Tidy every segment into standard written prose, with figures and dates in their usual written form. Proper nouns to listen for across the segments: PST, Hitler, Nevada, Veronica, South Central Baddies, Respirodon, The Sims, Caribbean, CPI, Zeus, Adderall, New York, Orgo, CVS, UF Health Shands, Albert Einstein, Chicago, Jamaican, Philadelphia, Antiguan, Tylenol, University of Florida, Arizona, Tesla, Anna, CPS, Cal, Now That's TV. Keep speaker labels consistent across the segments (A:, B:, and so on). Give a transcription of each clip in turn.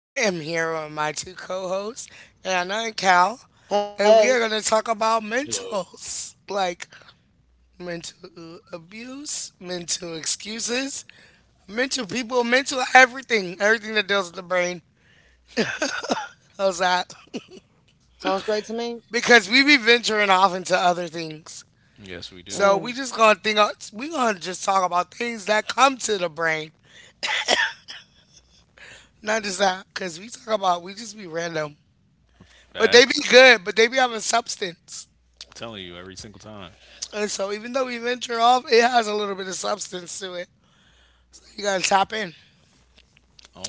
A: I am here with my two co hosts, Anna and Cal, and we
B: Hey,
A: are going to talk about
C: Hello.
A: mentals like mental abuse, mental excuses, mental people, mental everything, everything that deals with the brain. How's that?
B: sounds great to me.
A: Because we be venturing off into other things.
C: Yes, we
A: So
C: do.
A: we
B: Mm.
A: just gonna think, we gonna just talk about things that come to the brain. Not just that, cause we talk about we just be random. But they be
C: Facts.
A: good, but they be having substance.
C: Telling you every single time.
A: And so even though we venture off, it has a little bit of substance to it. You gotta tap in.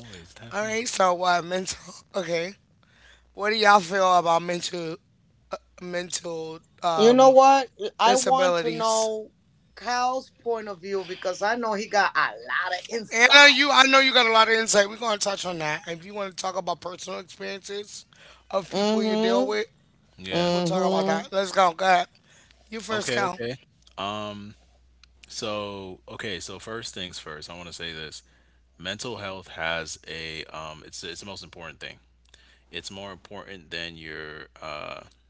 C: Always
A: All
C: tap
A: right.
C: in.
A: So mental. Okay. What do y'all feel about mental mental
B: You know
A: um
B: what? I want to
A: disabilities?
B: know Kyle's point of view because I know he got a lot of
A: Anna,
B: insight.
A: you I know you got a lot of insight. We're gonna touch on that. If you want to talk about personal experiences of people you deal
B: Mm-hmm.
A: with, we'll
C: Yeah.
A: talk about
B: Mm-hmm.
A: that. Let's go. Go ahead. You first,
C: Okay,
A: Cal.
C: okay. Um, so okay, so first things first, I want to say this. Mental health has a it's the most important thing. It's more important than your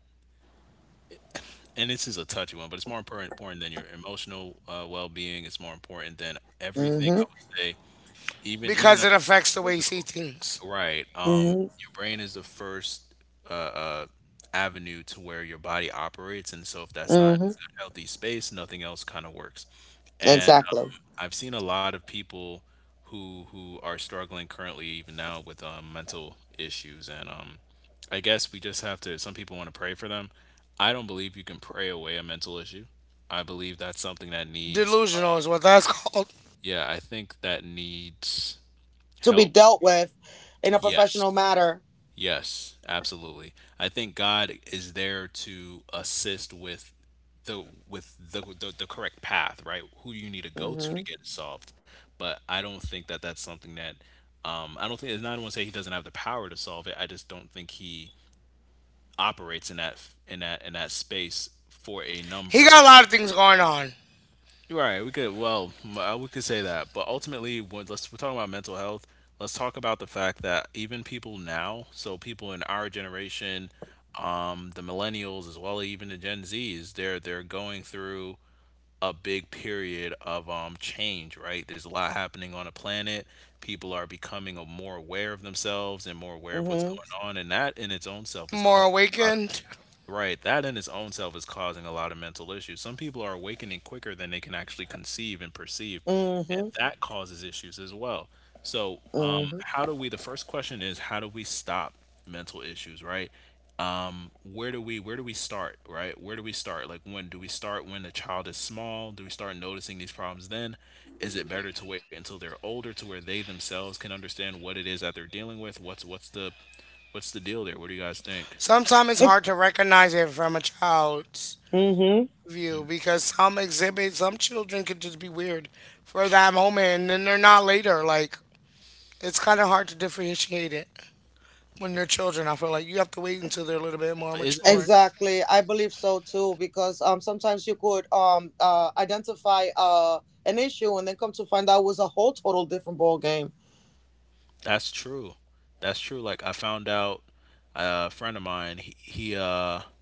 C: and this is a touchy one, but it's more important than your emotional well-being. It's more important than
B: Mm-hmm.
C: everything I would say, even
A: Because it
C: even up to
A: affects the way you
C: your
A: see
C: physical.
A: things.
C: Right.
B: Mm-hmm.
C: Your brain is the first uh, uh, avenue to where your body operates, and so if that's
B: Mm-hmm.
C: not in a good, healthy space, nothing else kind of works. And
B: Exactly.
C: I've seen a lot of people who are struggling currently, even now, with mental issues. And I guess we just have to. Some people want to pray for them. I don't believe you can pray away a mental issue. I believe that's something that needs.
A: Delusional is what that's called.
C: Yeah, I think that needs
B: To be
C: help.
B: dealt with in a professional
C: Yes.
B: matter.
C: Yes, absolutely. I think God is there to assist with the correct path, right? Who you need to go
B: Mm-hmm.
C: to get it solved. But I don't think that that's something that I don't think it's not I don't want to say he doesn't have the power to solve it. I just don't think he operates in that space for a
A: He
C: number
A: got a
C: of.
A: lot of things going on.
C: Right, we could well, we could say that, but ultimately, when, let's we're talking about mental health. Let's talk about the fact that even people now, so people in our generation, the millennials as well, even the Gen Zs, they're going through a big period of change. Right, there's a lot happening on the planet. People are becoming more aware of themselves and more aware of
B: Mm-hmm.
C: what's going on, and that in its own self is
A: More
C: causing a lot of.
A: awakened.
C: Right. That in its own self is causing a lot of mental issues. Some people are awakening quicker than they can actually conceive and perceive,
B: Mm-hmm.
C: and that causes issues as well. So,
B: Mm-hmm.
C: how do we? The first question is how do we stop mental issues? Right. Where do we start? Right. Where do we start? Like when do we start? When the child is small? Do we start noticing these problems then? Is it better to wait until they're older to where they themselves can understand what it is that they're dealing with? What's the deal there? What do you guys think?
A: Sometimes it's
B: It-
A: hard to recognize it from a child's
B: mhm.
A: view because some children can just be weird for that moment and then they're not later. Like, it's kind of hard to differentiate it when they're
C: Yeah.
A: children. I feel like you have to wait until they're a little bit more
C: Isn't
A: mature.
C: it?
B: Exactly. I believe so too, because sometimes you could identify an issue and then come to find out it was a whole total different ball game.
C: That's true. That's true. Like I found out a friend of mine, he he uh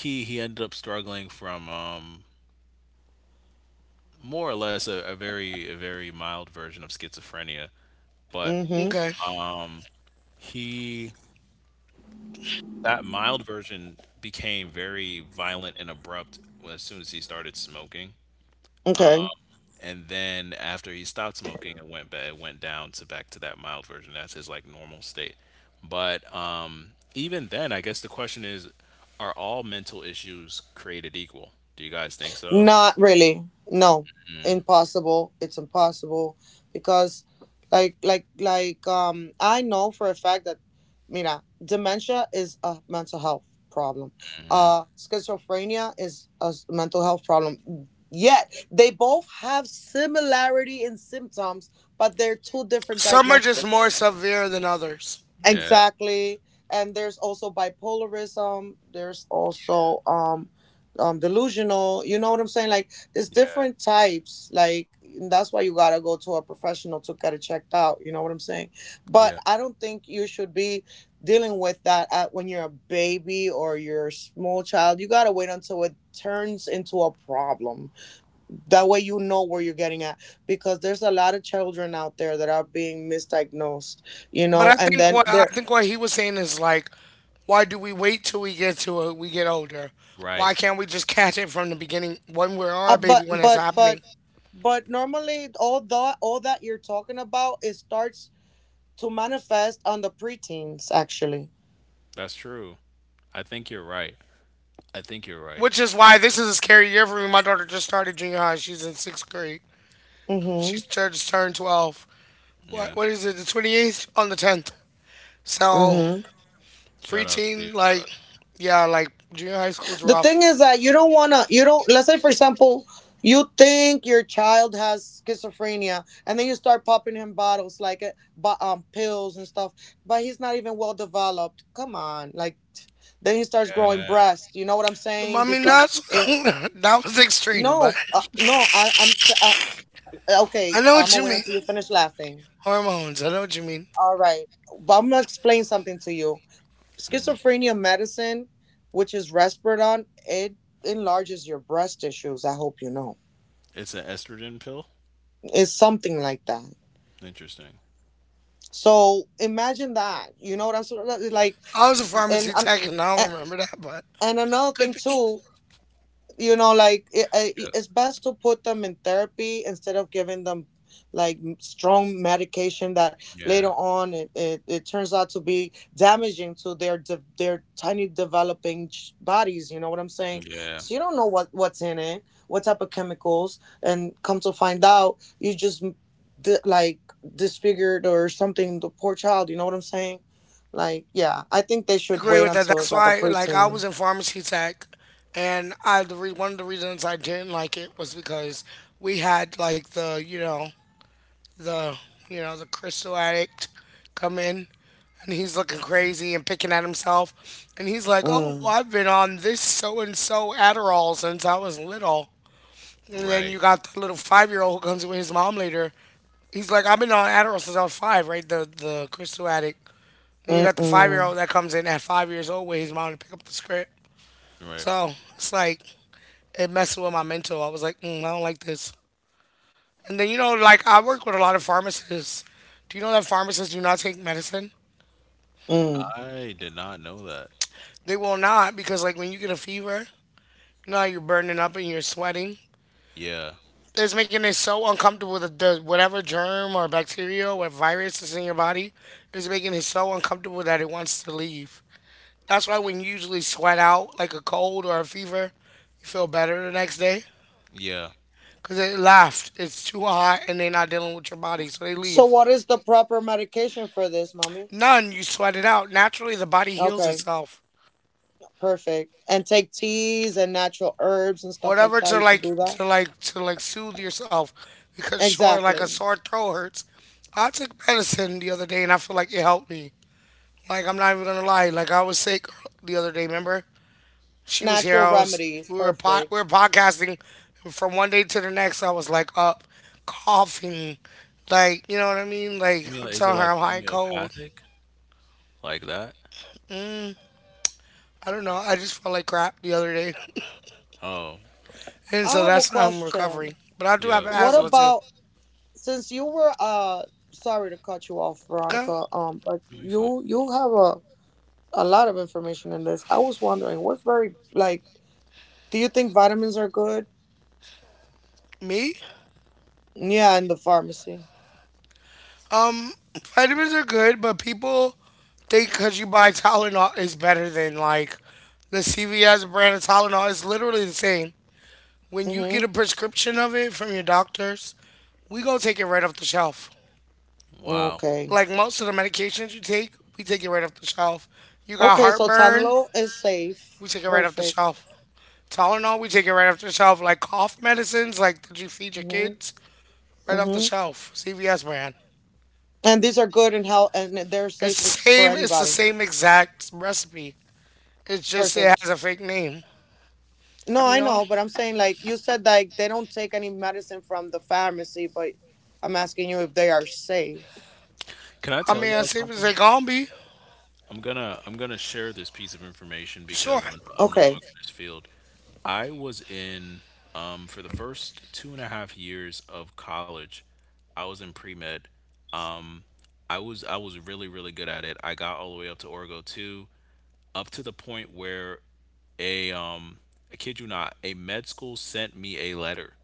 C: he he ended up struggling from more or less a very mild version of schizophrenia, but
B: Mm-hmm.
A: Okay.
C: he that mild version became very violent and abrupt as soon as he started smoking.
B: Okay.
C: And then after he stopped smoking, it went down to back to that mild version. That's his like normal state. But even then, I guess the question is, are all mental issues created equal? Do you guys think so?
B: Not really. No. Impossible. It's impossible because I know for a fact that mira, dementia is a mental health problem.
C: Hmm.
B: Schizophrenia is a mental health problem, yet they both have similarity in symptoms, but they're two different
A: Some are just more
B: diagnostics.
A: severe than others.
C: Yeah,
B: Exactly. And there's also bipolarism. There's also delusional. You know what I'm saying? Like, there's different
C: yeah,
B: types. Like, and that's why you gotta go to a professional to get it checked out. You know what I'm saying? But
C: yeah.
B: I don't think you should be dealing with that at, when you're a baby or you're a small child. You gotta wait until it turns into a problem. That way you know where you're getting at. Because there's a lot of children out there that are being misdiagnosed, you
A: But
B: know,
A: I
B: and
A: think
B: then
A: what I
B: there
A: think what he was saying is like, why do we wait till we get older? Why
C: Right.
A: can't we just catch it from the beginning when we're
B: Uh,
A: our
B: but
A: baby when it's
B: but but
A: happening?
B: but normally all that you're talking about, it starts to manifest on the preteens actually.
C: That's true. I think you're right. I think you're
A: Which
C: right.
A: is why this is a scary year for me. My daughter just started junior high. She's in sixth grade. She's
B: Mhm.
A: just turned 12. What
C: Yeah.
A: what is it? The 28th on the 10th. So
B: Mhm.
C: Shout out to
A: preteen,
C: you.
A: like
C: Shout out to
A: yeah, like junior high school's
B: The
A: rough.
B: thing is that you don't let's say for example you think your child has schizophrenia and then you start popping him bottles like pills and stuff, but he's not even well developed. Come on, like then he starts
C: you.
B: growing
C: Yeah.
B: breast. You know what I'm
A: I
B: saying?
A: mean
B: Because
A: that's
B: it
A: that was extreme, but
B: no no I I'm t- Eh,
A: I
B: Okay,
A: know
B: I'm
A: what you
B: gonna wait
A: mean.
B: until you finish laughing.
A: Hormones. I know what you mean.
B: All right, but I'm gonna explain something to you. Schizophrenia medicine, which is Respirodon, it enlarges your breast tissues. I hope you know.
C: It's an estrogen pill.
B: It's something like that.
C: Interesting.
B: So imagine that. You know what I'm sort of like,
A: I was a
B: and
A: pharmacy
B: I'm,
A: tech and I don't
B: a-
A: remember that, but
B: and another
A: could
B: thing
A: be.
B: too, you know, like
C: Yeah.
B: it's best to put them in therapy instead of giving them like strong medication that later
C: Yeah.
B: on it turns out to be damaging to their their tiny developing bodies, you know what I'm saying, because
C: Yeah.
B: you don't know what's in it, what type of chemicals, and come to find out you just like disfigured or something, the poor child, you know what I'm saying. Like yeah, I think they should
A: Agree
B: wait
A: with
C: Right.
A: that.
B: until it's
A: That's
B: like a
A: why, like, I
B: preteen.
A: was in pharmacy tech, and one of the reasons I didn't like it was because we had like the you know the you know the crystal addict come in and he's looking crazy and picking at himself, and he's like, "Oh,
B: Mm.
A: well, I've been on this so and so Adderall since I was little." And then you
C: Right.
A: got the little 5-year-old who comes with his mom later. He's like, I've been on Adderall since I was five, right? The crystal addict. Then you got the five
B: Mm-mm.
A: year old that comes in at 5 years old with his mom to pick up the script.
C: Right.
A: So it's like it messed with my mental. I was like, mm, I don't like this. And then like I work with a lot of pharmacists. Do you know that pharmacists do not take medicine?
B: Mm.
C: I did not know that.
A: They will not because like when you get a fever, you know how you're burning up and you're sweating.
C: Yeah.
A: It's making it so uncomfortable that the whatever germ or bacteria or virus is in your body is making it so uncomfortable that it wants to leave. That's why when you usually sweat out like a cold or a fever, you feel better the next day.
C: Yeah.
A: Because it laughed. It's too hot and they're not dealing with your body, so they
B: So,
A: leave.
B: what is the proper medication for this, mommy?
A: None. You sweat it out. Naturally, the body heals
B: Okay,
A: itself.
B: perfect. And take teas and natural herbs and stuff like
A: Whatever
B: that.
A: to
B: You could
A: like
B: do that.
A: to like to like soothe yourself, because sure, like a
B: Exactly.
A: sore throat hurts. I took medicine the other day and I feel like it helped me. Like I'm not even gonna lie. Like I was sick the other day. Remember? She was here.
B: Natural
A: I was.
B: remedies.
A: We
B: Perfect.
A: were podcasting. From one day to the next, I was like up, coughing, like you know what I mean. Like I'm
C: Emil,
A: telling
C: is it
A: her I'm
C: like
A: high and cold.
C: homeopathic? Like that?
A: I don't know. I just felt like crap the other day,
C: Oh.
A: and
B: I
A: so
B: have a
A: that's how I'm
B: question.
A: recovering. But I do have
C: Yeah,
B: What
C: what's
A: asthma
C: up?
A: too.
B: about since you were sorry to cut you off,
A: Okay,
B: Veronica, but
C: It'll be fun.
B: you have a lot of information in this. I was wondering what's very like, do you think vitamins are good?
A: me.
B: Yeah, in the pharmacy.
A: Um, Vitamins are good, but people think because you buy Tylenol is better than like the CVS brand of Tylenol. It's literally the same. When you
B: Mm-hmm.
A: get a prescription of it from your doctors, we go take it right off the shelf.
C: Wow.
B: Okay.
A: Like most of the medications you take, we take it right off the shelf. You got
B: Okay, so
A: heartburn,
B: Tanalo is safe.
A: we take it right off the
B: Perfect.
A: shelf. Tylenol, we take it right off the shelf. Like cough medicines, like did you feed your
B: Hmm.
A: kids, right off the
B: Hmm.
A: shelf. CVS brand.
B: And these are good and health, and they're
A: It's
B: safe
A: the
B: for
A: same. It's the
B: anybody.
A: same exact recipe. It's just it
B: Perfect.
A: has a fake name.
B: No,
A: You
B: I
A: know.
B: know, but I'm saying like you said, like they don't take any medicine from the pharmacy, but I'm asking you if they are safe.
C: Can I
A: I mean,
C: tell
A: as
C: y'all
A: safe as they
C: something?
A: gon' be.
C: I'm gonna share this piece of information
A: Sure.
C: because I'm no
B: Okay.
C: longer in this field. I was in for the first 2.5 years of college, I was in pre med. Um I was really, really good at it. I got all the way up to Orgo two, up to the point where a I kid you not, a med school sent me a letter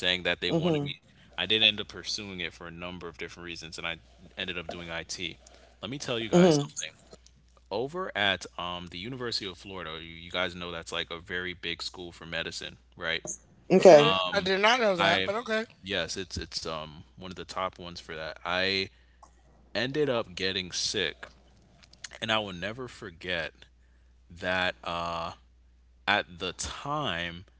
C: saying that they wanted
B: Mhm.
C: me. I did end up pursuing it for a number of different reasons, and I ended up doing IT. Let me tell you
B: Mhm.
C: guys something. Over at the University of Florida, you guys know that's like a very big school for medicine, right?
A: I
B: Okay.
A: did, I did not know that, but
C: I,
A: okay.
C: yes, it's one of the top ones for that. I ended up getting sick, and I will never forget that at the time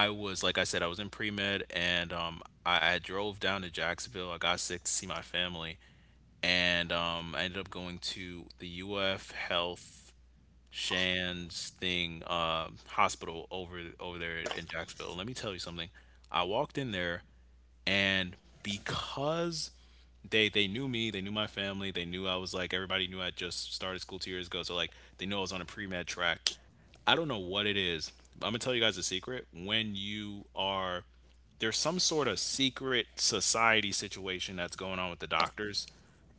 C: I was like I said, I was in pre med, and I drove down to Jacksonville. I got sick to see my family, and I ended up going to the UF Health Shands thing hospital over there in Jacksonville. Let me tell you something. I walked in there, and because they knew me, they knew my family, they knew I was like everybody knew I just started school 2 years ago, so like they knew I was on a pre med track. I don't know what it is. But I'm gonna tell you guys a secret. When you are there's some sort of secret society situation that's going on with the doctors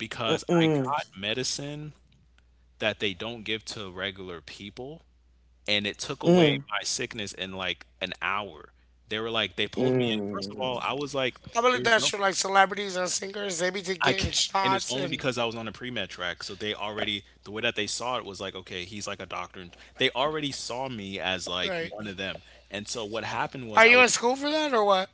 C: because I
B: Mm.
C: got medicine that they don't give to regular people, and it took away
B: Mm.
C: my sickness in like an hour. They were like they pulled me in. First of
B: Mm.
C: all, I was like
A: I believe
C: there was
A: that's true.
C: no
A: Like celebrities and singers, they be to
C: I
A: getting
C: c- and it's
A: shots
C: only
A: and
C: because I was on the pre med track. So they already the way that they saw it was like, okay, he's like a doctor. And they already saw me as like
A: right.
C: one of them. And so what happened
A: Are
C: was I
A: you in
C: was
A: school for that or what?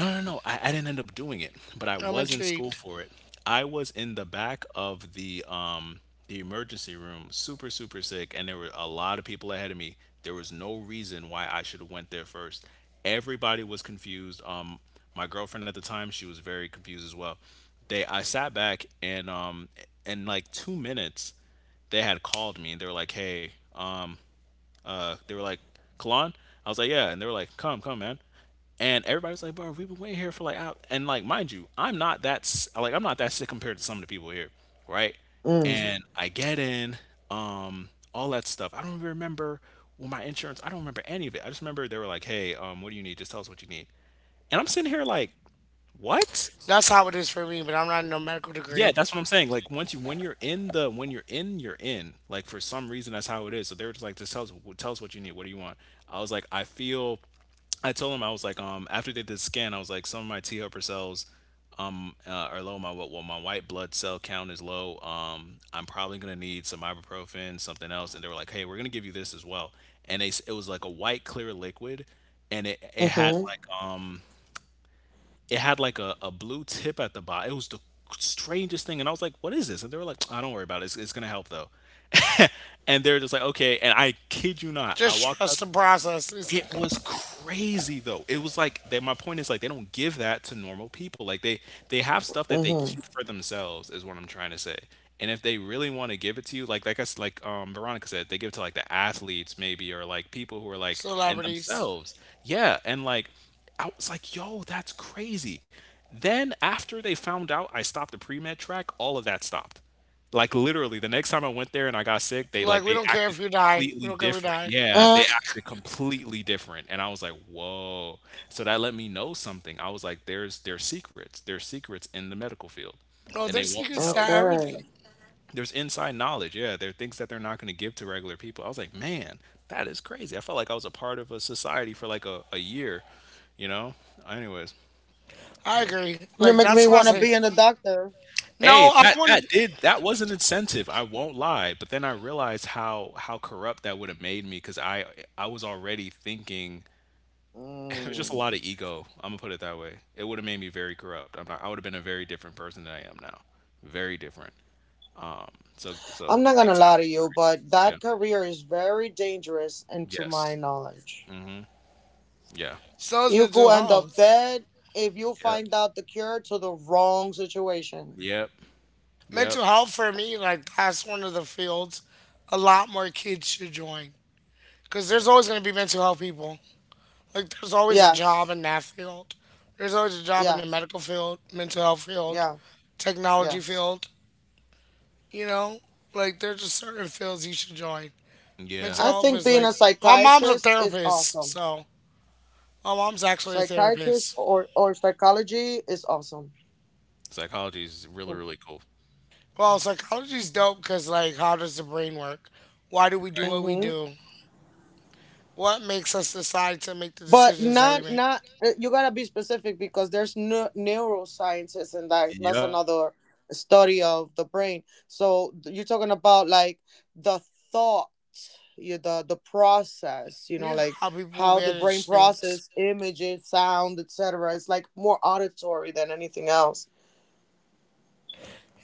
C: no, no, no. I didn't end up doing it, but I
A: I'm
C: was in school
A: intrigued.
C: for it. I was in the back of the emergency room, super, super sick, and there were a lot of people ahead of me. There was no reason why I should have went there first. Everybody was confused. My girlfriend at the time, she was very confused as well. I sat back and in like 2 minutes, they had called me and they were like, "Hey, they were like, Kalon?" I was like, yeah. And they were like, come, come, man. And everybody's like, bro, we've been waiting here for like, out. And like, mind you, I'm not that, like, I'm not that sick compared to some of the people here, right?
B: Mm.
C: And I get in, all that stuff. I don't even remember well, my insurance. I don't remember any of it. I just remember they were like, hey, what do you need? Just tell us what you need. And I'm sitting here like, what?
A: That's how it is for me, but I'm not in no medical
C: Yeah,
A: degree.
C: that's what I'm saying. Like once you when you're in the when you're in, you're in. Like for some reason that's how it is. So they were just like, just tell us what you need. What do you want? I was like, I feel I told them I was like, after they did the scan, I was like, some of my T helper cells are low. My what well, my white blood cell count is low. I'm probably gonna need some ibuprofen, something else. And they were like, hey, we're gonna give you this as well. It was like a white clear liquid, and it had
B: Mhm.
C: like it had like a blue tip at the bottom. It was the strangest thing. And I was like, what is this? And they were like, I don't worry about it. It's going to help though. And they're just like, okay. And I kid you not, I
A: Just
C: walked out.
A: trust the process. These
C: It was crazy though. It was like that. My point is like they don't give that to normal people. Like they have stuff that they
B: Mhm.
C: keep for themselves is what I'm trying to say. And if they really want to give it to you, like Veronica said, they give it to like the athletes maybe or like people who are like and
A: celebrities.
C: themselves. Yeah, and like I was like, yo, that's crazy. Then after they found out I stopped the pre med track, all of that stopped. Like, literally, the next time I went there and I got sick, they,
A: Like
C: like,
A: we
C: they
A: don't care
C: acted
A: if you die. We
C: completely
A: don't care if you
C: different.
A: die.
C: Yeah, they
B: Mm.
C: acted completely different, and I was like, "Whoa." So that let me know something. I was like, "There's secrets. There's secrets in the medical field,
A: No,
C: and
A: their
C: they won't
A: secrets to
C: tell you.
B: Okay.
A: everything.
C: There's inside knowledge. Yeah, there are things that they're not going to give to regular people." I was like, "Man, that is crazy." I felt like I was a part of a society for like a year, you know? Anyways,
A: I
C: yeah.
A: agree.
B: You're
A: Like
B: making
A: that's
B: me
A: what I
B: want to
A: say.
B: be in the doctor.
A: No,
C: Hey,
A: I
C: that
A: want
C: that
A: to.
C: did that was an incentive. I won't lie, but then I realized how corrupt that would have made me because I was already thinking. It was just a
B: Mm.
C: lot of ego. I'm gonna put it that way. It would have made me very corrupt. I'm not, I would have been a very different person than I am now. Very different. Um. So
B: I'm not gonna
C: things.
B: lie to you, but
C: Yeah.
B: that career is very dangerous, and to my
C: Yes.
B: knowledge,
C: Yeah.
A: So is
B: you could
A: mental
B: end up
A: health.
B: dead if you
C: Yep.
B: find out the cure to the wrong situation.
C: Yep. Yep.
A: Mental health for me, like that's one of the fields a lot more kids should join. Cause there's always gonna be mental health people. Like there's always a job
B: Yes,
A: in that field. There's always a job in the
B: yes,
A: medical field, mental health field,
B: yeah,
A: technology
B: yes.
A: field. You know, like there's just certain fields you should join.
C: Yeah.
A: Mental
B: I
A: health
B: think
A: is
B: being
A: like
B: a
A: my mom's a
B: psychiatrist is
A: therapist,
B: awesome.
A: so my mom's actually a
B: Psychiatrist
A: therapist.
B: or psychology is awesome.
C: Psychology is really really cool.
A: Well,
C: If
A: psychology's dope because, like, how does the brain work? Why do we
B: Mm-hmm.
A: do? What makes us decide to make the
B: But
A: decisions that we
B: not
A: make?
B: not you gotta be specific because there's no neurosciences, and that
C: you're right. Yep.
B: that's another study of the brain. So you're talking about like the thought, you the process, you know,
A: Yeah,
B: like
A: how people
B: how the brain
A: manage things.
B: process images, sound, etc. It's like more auditory than anything else,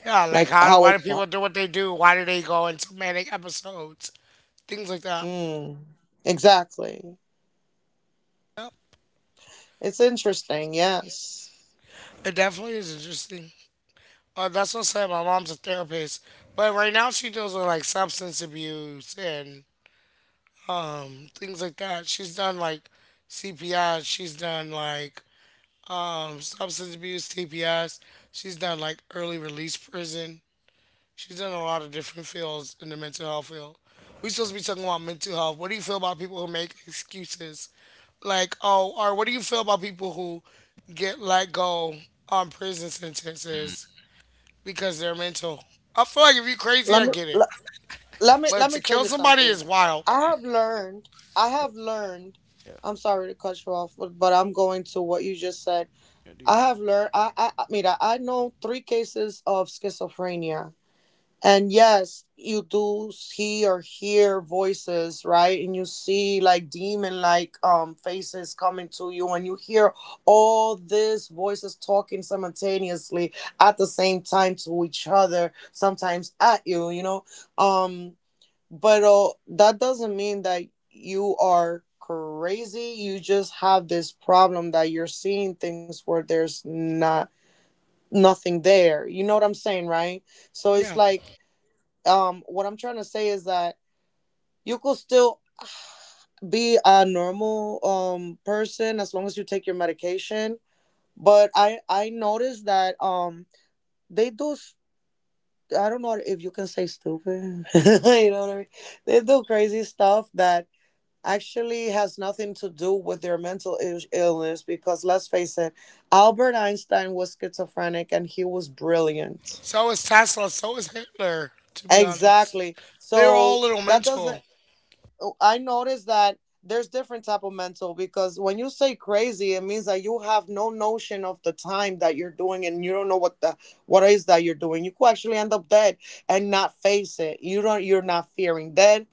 A: Yeah, like
B: like
A: how do
B: how
A: why
B: it
A: do people do what they do? Why do they go into manic episodes? Things like that.
B: mm, exactly. It's interesting, yes.
A: It definitely is interesting. That's what I said. My mom's a therapist, but right now she deals with like substance abuse and things like that. She's done like CPI. She's done like substance abuse, CPS. She's done like early release prison. She's done a lot of different fields in the mental health field. We supposed to be talking about mental health. What do you feel about people who make excuses? Like, oh, or what do you feel about people who get let go on prison
C: Mm,
A: sentences
C: I
A: because they're mental? I feel like if you're crazy,
B: let
A: I
B: me
A: get it.
B: let me
A: But
B: let me
A: to
B: tell
A: kill
B: you
A: somebody
B: something.
A: is wild.
B: I
C: do.
B: have learned. I have learned.
C: Yeah.
B: I'm sorry to cut you off, but I'm going to what you just said.
C: Yeah. I do
B: I
C: that.
B: have learned. Mira, I know three cases of schizophrenia, and yes, you do see or hear voices, right? And you see like demon like faces coming to you, and you hear all these voices talking simultaneously at the same time to each other, sometimes at you. You know, um but that doesn't mean that you are crazy. You just have this problem that you're seeing things where there's not nothing there, you know what I'm saying, right? So it's
A: Yeah.
B: like, what I'm trying to say is that you could still be a normal person as long as you take your medication. But I noticed that they do I don't know if you can say stupid you know what I mean, they do crazy stuff that actually has nothing to do with their illness, because let's face it, Albert Einstein was schizophrenic and he was brilliant.
A: So is Tesla. So is Hitler, to be honest.
B: Exactly.
A: They were all
B: So
A: a little
B: that doesn't—
A: mental.
B: Oh, I noticed that there's different type of mental, because when you say crazy, it means that you have no notion of the time that you're doing and you don't know what the what is that you're doing. You could actually end up dead and not face it. You're not fearing dead.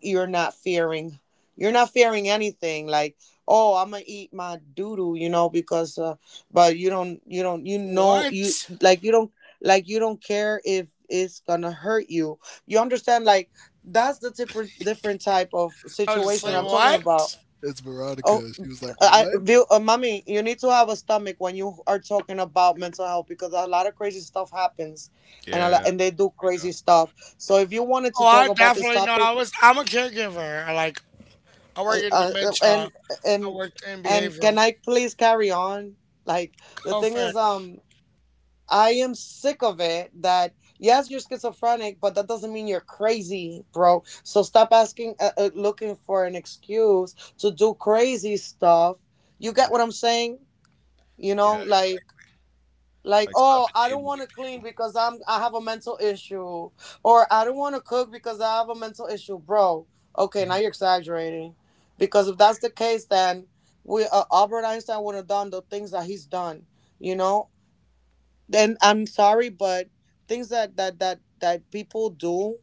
B: You're not fearing you're not fearing anything like, oh, I'm gonna eat my doodoo, you know, because but you don't you don't you know,
A: What?
B: you, like you don't like you don't care if it's gonna hurt you, you understand, like that's the different type of
A: I was just
B: situation
A: like,
B: I'm
C: No,
B: talking about.
A: what?
C: it's
B: Oh,
C: Veronica. She was like,
B: I,
C: "What?"
B: Bill, mommy, you need to have a stomach when you are talking about mental health, because a lot of crazy stuff happens, and a lot,
C: Yeah,
B: and they do
C: people be doing
B: crazy
C: stuff.
B: stuff. So if you wanted
A: Oh,
B: to
A: I
B: talk about this
A: definitely know.
B: topic,
A: I was. I'm a caregiver. I like. I
B: uh,
A: work in
B: uh,
A: dementia.
B: and
A: I
B: and
A: worked in
B: and
A: behavioral.
B: can I please carry on? Like the thing
A: Comfort.
B: is, I am sick of it that yes, you're schizophrenic, but that doesn't mean you're crazy, bro. So stop asking, looking for an excuse to do crazy stuff. You get what
C: Yeah,
B: I'm saying? You
C: yeah,
B: know,
C: exactly.
B: like,
C: Like stop
B: oh, I don't want
C: enabling
B: to
C: people.
B: clean because I'm, I have a mental issue, or I don't want to cook because I have a mental issue, bro. Okay, now you're exaggerating, because if that's the case, then we Albert Einstein would have done the things that he's done. You know, then I'm sorry, but things that people do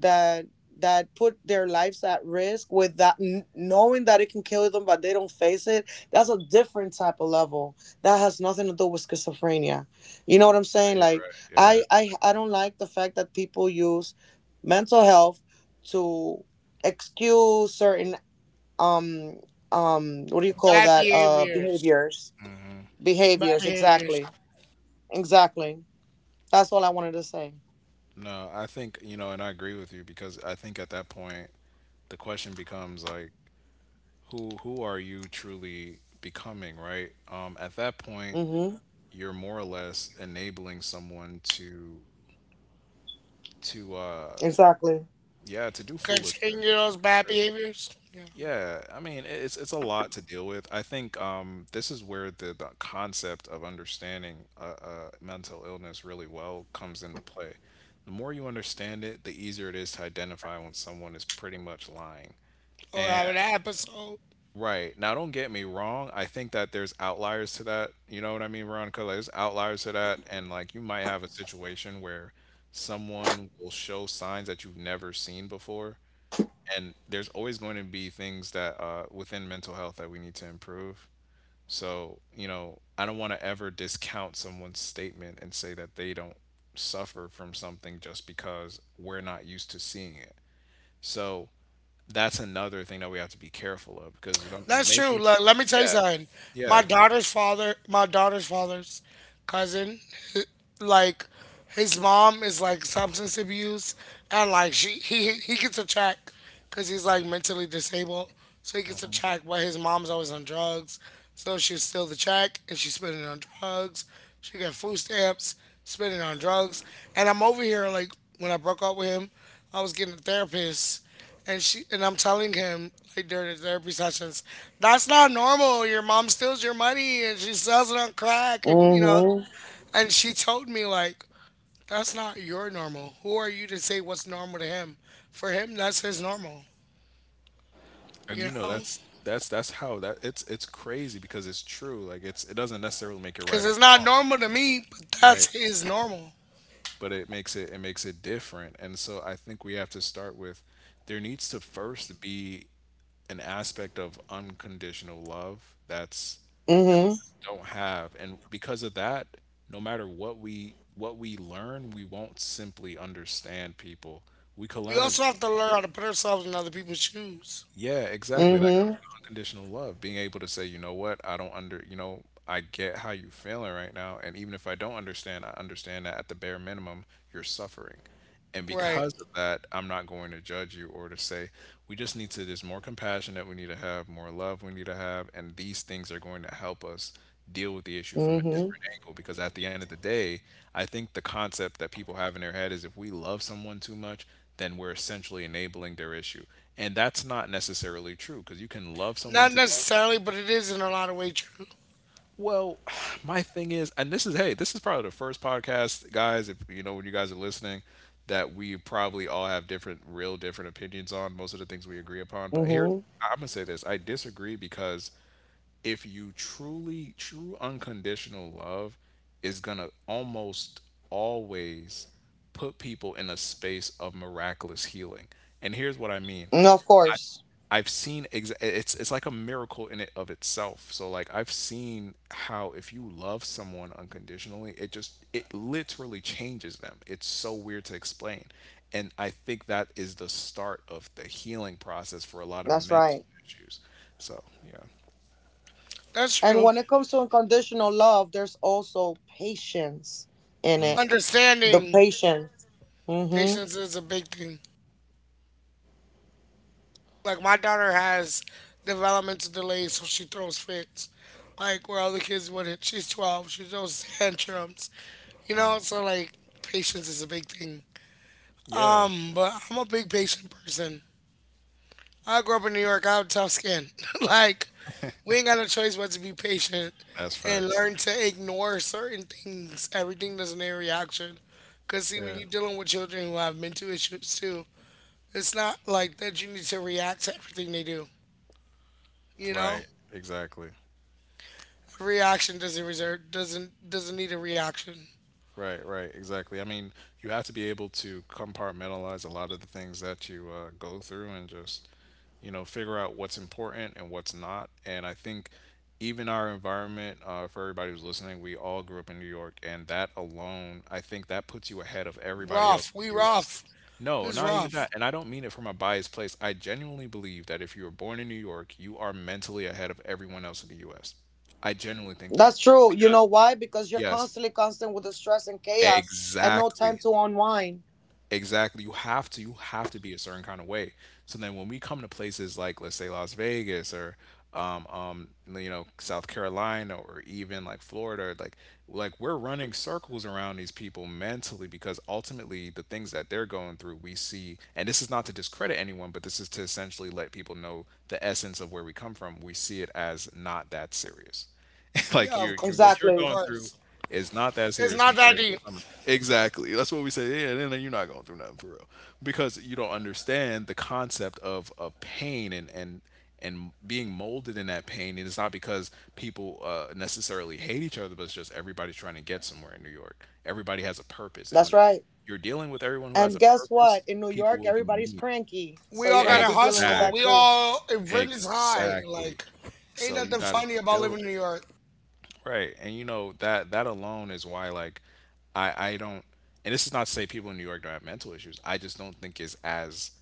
B: that that put their lives at risk with that knowing that it can kill them, but they don't face it, that's a different type of level that has nothing to do with schizophrenia, you know what I'm
C: Yeah,
B: saying,
C: you're
B: like,
C: right. Yeah. It's,
B: I don't like the fact that people use mental health to excuse certain um what do you call
A: Bad
B: that,
A: behaviors.
B: behaviors,
A: Bad
B: behaviors,
A: behaviors.
B: exactly, exactly, that's all I wanted to say.
C: no, I think, you know, and I agree with you because I think at that point the question becomes like who are you truly becoming, right? At that point
B: Mm-hmm.
C: you're more or less enabling someone to to uh
B: Exactly.
C: yeah, to do
A: Continue
C: foolishness.
A: those bad
C: Really.
A: behaviors. Yeah.
C: Yeah, I mean, it's a lot to deal with. I think this is where the concept of understanding mental illness really well comes into play. The more you understand it, the easier it is to identify when someone is pretty much lying.
A: Or have
C: And
A: an episode.
C: right now, don't get me wrong. I think that there's outliers to that. You know what I mean, Veronica? Like, there's outliers to that, and like you might have a situation where someone will show signs that you've never seen before, and there's always going to be things that within mental health that we need to improve. So you know, I don't want to ever discount someone's statement and say that they don't suffer from something just because we're not used to seeing it. So that's another thing that we have to be careful of because
A: That's true.
C: maybe
A: Look, let me tell you
C: yeah,
A: something. My
C: yeah.
A: daughter's father. My daughter's father's cousin. Like. His mom is like substance abuse, and like she he gets a check because he's like mentally disabled, so he gets a check. But his mom's always on drugs, so she steal the check and she spend it on drugs. She got food stamps, spend it on drugs. And I'm over here like when I broke up with him, I was getting a therapist, and I'm telling him like during the therapy sessions, that's not normal. Your mom steals your money and she sells it on crack, and you know.
B: Mm-hmm.
A: And she told me like that's not your normal. Who are you to say what's normal to him? For him, that's his normal.
C: And
A: You
C: you know
A: know?
C: that's how that, it's crazy because it's true. Like it's, it doesn't necessarily make it
A: Because
C: right or
A: it's not
C: wrong,
A: normal to me, but that's
C: right,
A: his normal.
C: but it makes it, makes it different. And so I think we have to start with, there needs to first be an aspect of unconditional love that's, we
B: Mm-hmm.
C: just don't have. And because of that, no matter what we learn, we won't simply understand people. We can
A: We
C: learn as
A: also have
C: much
A: to
C: as
A: learn
C: we,
A: how to put ourselves in other people's shoes.
C: yeah, exactly. That
B: Mm-hmm.
C: comes with unconditional love. Being able to say, you know what, I don't under, you know, I get how you're feeling right now. And even if I don't understand, I understand that at the bare minimum, you're suffering. And
A: Right.
C: because of that, I'm not going to judge you or to say, we just need to, there's more compassion that we need to have, more love we need to have. And these things are going to help us deal with the issue from a
B: Mm-hmm.
C: different angle. Because at the end of the day, I think the concept that people have in their head is if we love someone too much, then we're essentially enabling their issue. And that's not necessarily true because you can love someone
A: Not
C: to death.
A: necessarily, but it is in a lot of ways true.
C: Well, my thing is, and this is, hey, this is probably the first podcast, guys, if you know, when you guys are listening, that we probably all have different, real different opinions on most of the things we agree upon. But here's,
B: Mm-hmm.
C: I'm going to say this, I disagree because if you truly, true unconditional love is going to almost always put people in a space of miraculous healing. And here's what I mean,
B: And of course.
C: I've seen it's like a miracle in it of itself. So like I've seen how if you love someone unconditionally, it just it literally changes them. It's so weird to explain. And I think that is the start of the healing process for a lot of
B: That's
C: mental
B: right.
C: issues. So, yeah.
A: That's
B: And
A: true.
B: when it comes to unconditional love, there's also patience in it. The
A: Understanding
B: patience. Mm-hmm.
A: patience is a big thing. Like, my daughter has developmental delays, so she throws fits. Like, where other kids wouldn't. She's 12, she throws tantrums. You know?
C: Uh,
A: So, like, patience is a big thing.
C: yeah,
A: But I'm a big patient person. I grew up in New York. I have tough skin. like, we ain't got no choice but to be patient
C: that's
A: and
C: facts.
A: learn to ignore certain things. Everything doesn't need a reaction. Cause see, when
C: Yeah.
A: you're dealing with children who have mental issues too, it's not like that. You need to react to everything they do. You know,
C: Right. Exactly.
A: reaction doesn't reserve doesn't need a reaction.
C: Right, right, exactly. I mean, you have to be able to compartmentalize a lot of the things that you go through and just, you know, figure out what's important and what's not. And I think even our environment, for everybody who's listening, we all grew up in New York, and that alone, I think that puts you ahead of everybody else
A: Rough,
C: in
A: we
C: the U.S.
A: rough.
C: No,
A: It's
C: not even that.
A: rough.
C: And I don't mean it from a biased place. I genuinely believe that if you were born in New York, you are mentally ahead of everyone else in the U.S. I genuinely think that
B: That's true. You
C: because
B: know
C: you,
B: why? Because you're
C: yes,
B: constantly constant with the stress and chaos and no time
C: exactly.
B: to unwind.
C: Exactly. You have to be a certain kind of way. So then when we come to places like let's say Las Vegas or um um you know South Carolina or even like Florida, like we're running circles around these people mentally because ultimately the things that they're going through we see, and this is not to discredit anyone, but this is to essentially let people know the essence of where we come from, we see it as not that serious.
A: Yeah,
C: Like
A: of
C: you're what
A: course,
C: you're
A: of
B: Exactly.
C: going through,
A: course.
C: it's not that
A: It's
C: serious
A: not that
C: compared to
A: deep.
C: some. Exactly. That's what we say. Yeah, then you're not going through nothing for real because you don't understand the concept of pain and being molded in that pain. And it's not because people necessarily hate each other, but it's just everybody's trying to get somewhere in New York. Everybody has a purpose, and
B: That's
C: when
B: right.
C: you're dealing with everyone who has
B: And
C: a
B: guess what?
C: purpose,
B: In New
C: people
B: York,
C: will be
B: everybody's
C: mean.
B: cranky.
A: We
B: So you're
A: all
B: gonna
A: gotta
B: be dealing with
A: hustle.
B: that
A: We
C: Exactly.
B: too.
A: all it rent is high.
C: Exactly.
A: Like, ain't
C: So you
A: nothing
C: got to
A: funny about living
C: build
A: in
C: it.
A: New York.
C: Right. And you know that that alone is why like I don't, and this is not to say people in New York don't have mental issues. I just don't think it's as,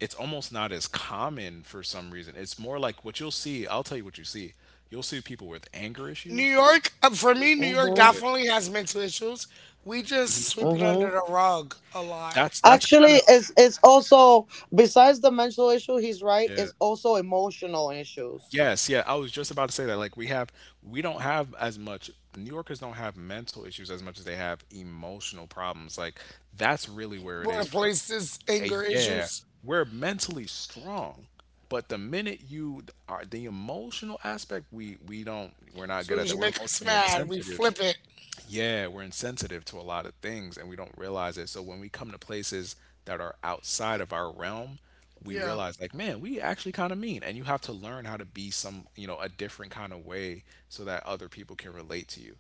C: it's almost not as common for some reason. It's more like what you'll see, I'll tell you what you see. You'll see people with anger
A: New
C: issues.
A: York, for
C: You'll
A: me,
C: see
A: New York
C: people
B: Mm-hmm.
C: with
A: definitely has mental issues. We just
C: Mhm.
A: sweep it under the rug a lot.
C: That's kind
B: Actually,
C: of
B: it's also besides the mental issue, he's right.
C: yeah.
B: It's also emotional issues.
C: Yes, yeah. I was just about to say that. Like we have, we don't have as much. New Yorkers don't have mental issues as much as they have emotional problems. Like that's really where it
A: We're
C: is
A: the
C: for us.
A: places
C: Hey,
A: anger
C: yeah,
A: issues.
C: we're mentally strong, but the minute you are the emotional aspect, we don't, we're
A: As
C: not good
A: soon
C: at
A: as you
C: that. We're
A: make us
C: emotionally
A: mad, we
C: insensitive,
A: flip it.
C: yeah, we're insensitive to a lot of things and we don't realize it. So when we come to places that are outside of our realm, we
A: Yeah.
C: realize like, man, we actually kind of mean. And you have to learn how to be some, you know, a different kind of way so that other people can relate to you.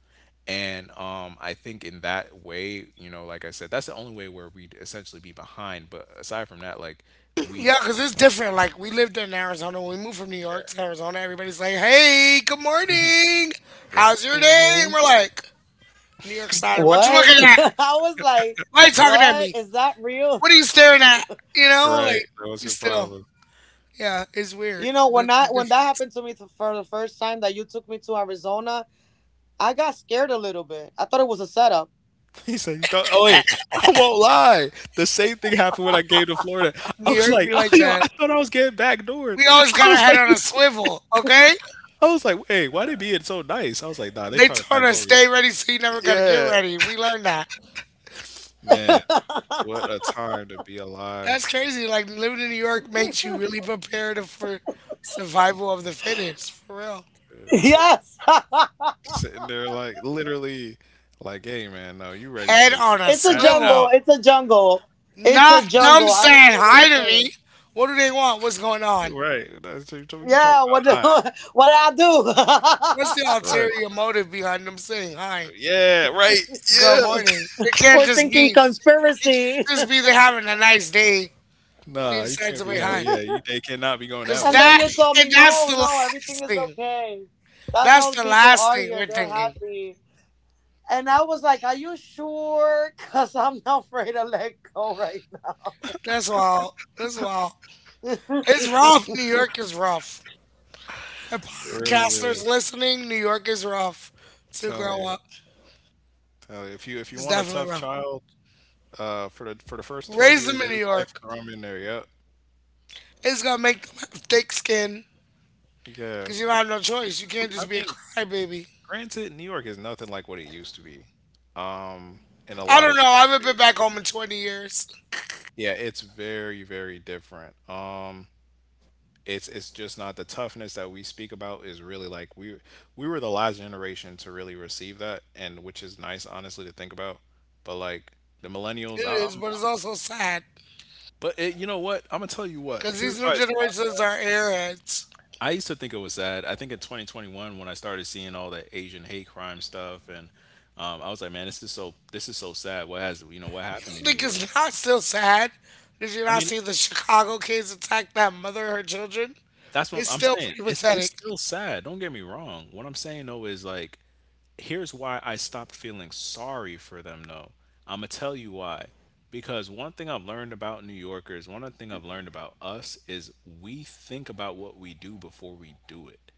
C: And I think in that way, you know, like I said, that's the only way where we'd essentially be behind. But aside from that, like we,
A: Yeah, because it's different. Like, we lived in Arizona. When we moved from New York to
C: yeah,
A: Arizona, everybody's like, hey, good morning.
C: right.
A: How's your day? And
B: Hmm.
A: we're like, New York side, what you
B: What?
A: looking at?
B: I was like,
A: Why you talking at
B: what
A: me?
B: is that real?
A: What are you staring at? You know,
C: Right.
A: like
C: That was
A: you
C: your
A: still,
C: problem.
A: yeah, it's weird.
B: You know,
A: The,
B: when I
A: the
B: when that
A: difference.
B: happened to me to, for the first time that you took me to Arizona, I got scared a little bit. I thought it was a setup.
C: He said, you thought, oh wait, I won't lie. The same thing happened when I came to Florida. I
A: New
C: was
A: York
C: like,
A: be
C: oh,
A: like
C: yo,
A: that.
C: I thought I was getting backdoored.
A: We always
C: I
A: got our
C: was
A: head
C: like,
A: on a swivel, okay?
C: I was like, wait, why they being so nice? I was like, nah, they
A: They
C: trying to
A: told us
C: backdoor me.
A: stay ready, so you never got to get
C: Yeah,
A: ready. We learned that.
C: man, what a time to be
A: That's
C: alive.
A: crazy. Like living in New York makes you really prepared for survival of the fittest, for real.
C: Man. So like,
B: Yes,
C: sitting there, like literally, like, hey, man, no, you ready
A: Head
C: to
A: on a
B: it's a
C: crash
A: swivel.
B: jungle.
C: out?
B: It's a jungle. It's a
A: Not
B: jungle.
A: them
B: I don't care
A: saying
B: what you
A: hi to
B: say.
A: me. What do they want? What's going on?
C: Right? That's what you what you talking
B: Yeah,
C: about?
B: what
C: Hi.
B: what did
A: What's the
B: I do?
C: Right?
A: ulterior motive behind them saying hi?
C: Yeah. Right.
A: Good
C: Yeah.
A: morning. It can't
B: We're
A: just
B: thinking
A: be. It
B: conspiracy.
A: could just be they're having a nice day. They
C: Nah, you
A: decide
C: can't
A: to
C: be
A: be
C: having.
A: high.
C: Yeah, you, they cannot be going
A: Cause
C: that
B: And then
C: well.
A: that
B: you told me,
A: and that's
B: no,
A: the
B: no, everything
A: last
B: is
A: thing.
B: okay. That's
A: That's
B: how the
A: the
B: people
A: last
B: are
A: thing
B: here.
A: we're
B: They're
A: thinking.
B: happy. And I was like, are you sure? Because I'm not afraid to let go right now.
A: That's all. That's all. It's rough. New York is rough. And
C: It really
A: podcasters
C: is.
A: listening, New York is rough. To
C: Telling
A: grow
C: you,
A: up
C: telling you. If you if you
A: is
C: want a
A: definitely
C: tough
A: rough.
C: child, for the first twelve
A: Raise
C: years
A: them
C: of
A: in New
C: his life,
A: York.
C: throw him in there. Yep.
A: It's gonna make them have thick skin.
C: Yeah.
A: Cause you have no choice. You can't
C: I
A: just be a
C: mean,
A: crybaby.
C: granted, New York is nothing like what it used to be. Um, in a
A: I
C: lot of
A: don't know. I haven't been
C: ways.
A: back home in 20 years.
C: Yeah, it's very, very different. It's just not the toughness that we speak about is really like we were the last generation to really receive that, and which is nice, honestly, to think about. But like the millennials,
A: It is, but it's also sad.
C: but it, you know what? I'm gonna tell you what.
A: Because
C: Here's
A: these new
C: why it's not,
A: generations are airheads.
C: I used to think it was sad. I think in 2021 when I started seeing all the Asian hate crime stuff, and I was like, man, this is so sad. What has, you know what
A: I
C: happened in New
A: think
C: York?
A: it's not still sad. Did you
C: I
A: not
C: mean,
A: see the Chicago kids attack that mother and her children?
C: that's what
A: It's
C: I'm
A: still
C: saying.
A: pretty
C: It's
A: pathetic.
C: still sad. Don't get me wrong. What I'm saying though is like, here's why I stopped feeling sorry for them though. I'm gonna tell you why. Because one thing I've learned about New Yorkers, one other thing I've learned about us is we think about what we do before we do it.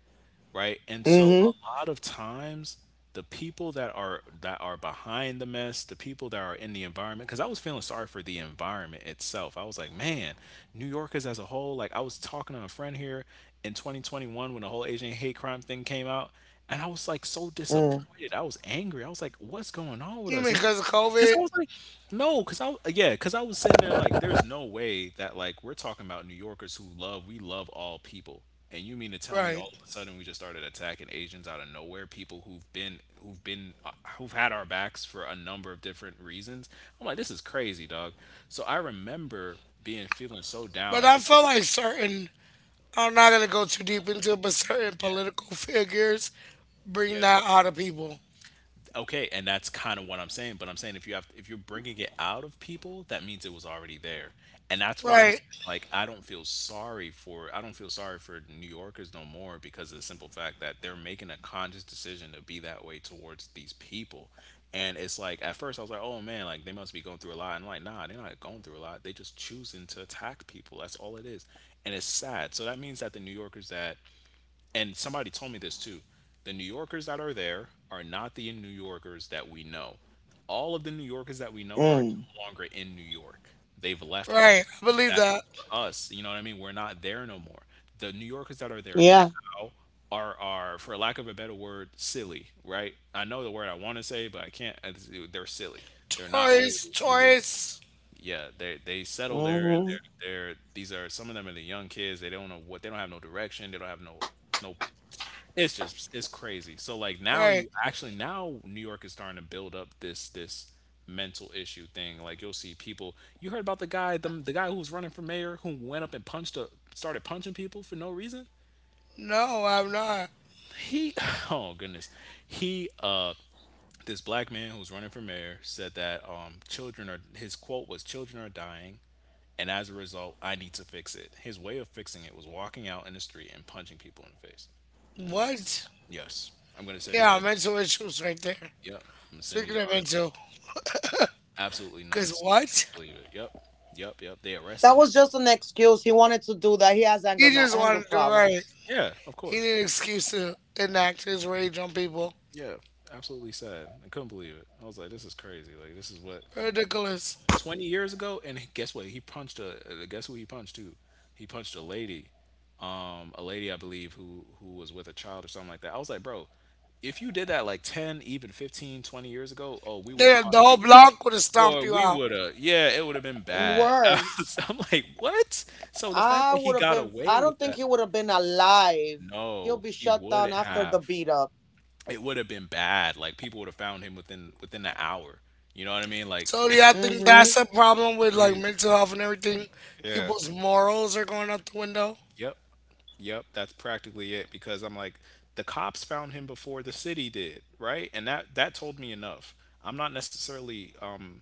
C: Right? And so
B: Mm-hmm.
C: a lot of times the people that are behind the mess, the people that are in the environment cuz I was feeling sorry for the environment itself. I was like, "Man, New Yorkers as a whole, like I was talking to a friend here in 2021 when the whole Asian hate crime thing came out, and I was like so disappointed. I was angry. I was like, "What's going on with
A: You
C: us?"
A: mean
C: It's
A: because of
C: Cause
A: COVID?
C: I was like, no. cause I Yeah, cause I was sitting there like, there's no way that like we're talking about New Yorkers who love, we love all people, and you mean to tell me
A: Right.
C: all of a sudden we just started attacking Asians out of nowhere? People who've been who've been who've had our backs for a number of different reasons. I'm like, this is crazy, dog. So I remember being feeling so down.
A: But
C: I
A: I
C: think I
A: feel
C: was.
A: like certain, I'm not going to go too deep into it, but certain
C: Yeah.
A: political figures bring
C: Yeah.
A: that out of people.
C: Okay, and that's kind of what I'm saying, but I'm saying if you're bringing it out of people, that means it was already there. And that's why I'm
A: Right.
C: saying, like, I don't feel sorry for New Yorkers no more because of the simple fact that they're making a conscious decision to be that way towards these people. And it's like at first I was like, oh man, like they must be going through a lot, and I'm like, nah, they're not going through a lot, they just choosing to attack people, that's all it is. And it's sad. So that means that the New Yorkers that. And somebody told me this too. The New Yorkers that are there are not the New Yorkers that we know. All of the New Yorkers that we know are
B: Mm-hmm.
C: no longer in New York. They've left New York.
A: Right. I believe
C: That
A: that.
C: goes for us. You know what I mean? We're not there no more. The New Yorkers that are there
B: Yeah.
C: now are for lack of a better word, silly, right? I know the word I want to say, but I can't. They're silly. They're not really
A: Taurus,
C: New York.
A: Taurus.
C: Yeah, they settle there, and
B: Mm-hmm.
C: they're these are, some of them are the young kids. They don't have no direction. They don't have no no It's crazy. So like now
A: Right.
C: you actually now New York is starting to build up this this mental issue thing. Like you'll see people. You heard about the guy, the guy who was running for mayor who went up and punched a started punching people for no reason.
A: No, I'm not.
C: He oh goodness, he this black man who was running for mayor said that children are, his quote was, "Children are dying. And as a result, I need to fix it." His way of fixing it was walking out in the street and punching people in the face.
A: What?
C: Yes. I'm going to send you
A: Yeah,
C: guys.
A: mental issues right there.
C: Yep. I'm going to send you
A: Speaking
C: the
A: of
C: article.
A: mental,
C: Absolutely
A: because
C: nuts.
A: what?
C: Couldn't believe it. Yep. Yep. Yep. They arrested
B: That
C: him.
B: was just an excuse. He wanted to do that. He has
A: He just
B: anger
A: wanted to do it right.
B: problems.
C: Yeah, of
A: He
C: course.
A: needed an excuse to enact his rage on people.
C: Yeah. Absolutely sad. I couldn't believe it. I was like, this is crazy. Like, this is what,
A: Ridiculous.
C: 20 years ago. And guess what? He punched a, guess who he punched too? He punched a lady, I believe, who was with a child or something like that. I was like, bro, if you did that like 10, even 15, 20 years ago, oh, we would have
A: They,
C: caught
A: the whole
C: you. And
A: block would have stomped
C: boy,
A: you
C: we
A: out.
C: would have, yeah, it would have been bad.
B: Word.
C: I'm like, what? So the fact
B: I
C: that he
B: would have
C: got
B: been,
C: away
B: I
C: with
B: don't think
C: that.
B: he would have been alive. He'll
C: No,
B: be
C: he
B: shut down
C: wouldn't
B: after the
C: have.
B: beat up.
C: It would have been bad. Like people would have found him within an hour. You know what I mean? Like
A: So yeah, I think
B: Mm-hmm.
A: that's a problem with like
C: crazy.
A: mental health and everything.
C: Yeah.
A: People's morals are going out the window.
C: Yep. Yep, that's practically it because I'm like the cops found him before the city did, right? And that that told me enough. I'm not necessarily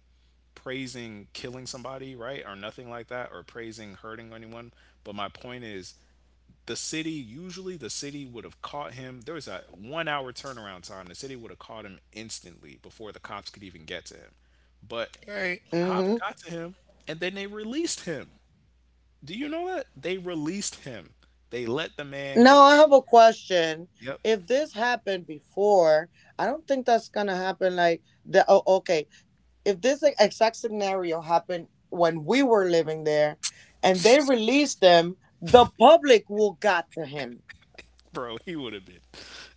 C: praising killing somebody, right? Or nothing like that, or praising hurting anyone, but my point is, the city would have caught him. There was a 1-hour turnaround time. The city would have caught him instantly before the cops could even get to him. But
A: Right.
C: the cops
B: Mm-hmm.
C: got to him, and then they released him. Do you know that they released him? They let the man go.
B: Now I have a question.
C: Yep.
B: If this happened before, I don't think that's gonna happen. Like the oh, okay, if this like, exact scenario happened when we were living there, and they released them, the public will got to him.
C: Bro, he would have been,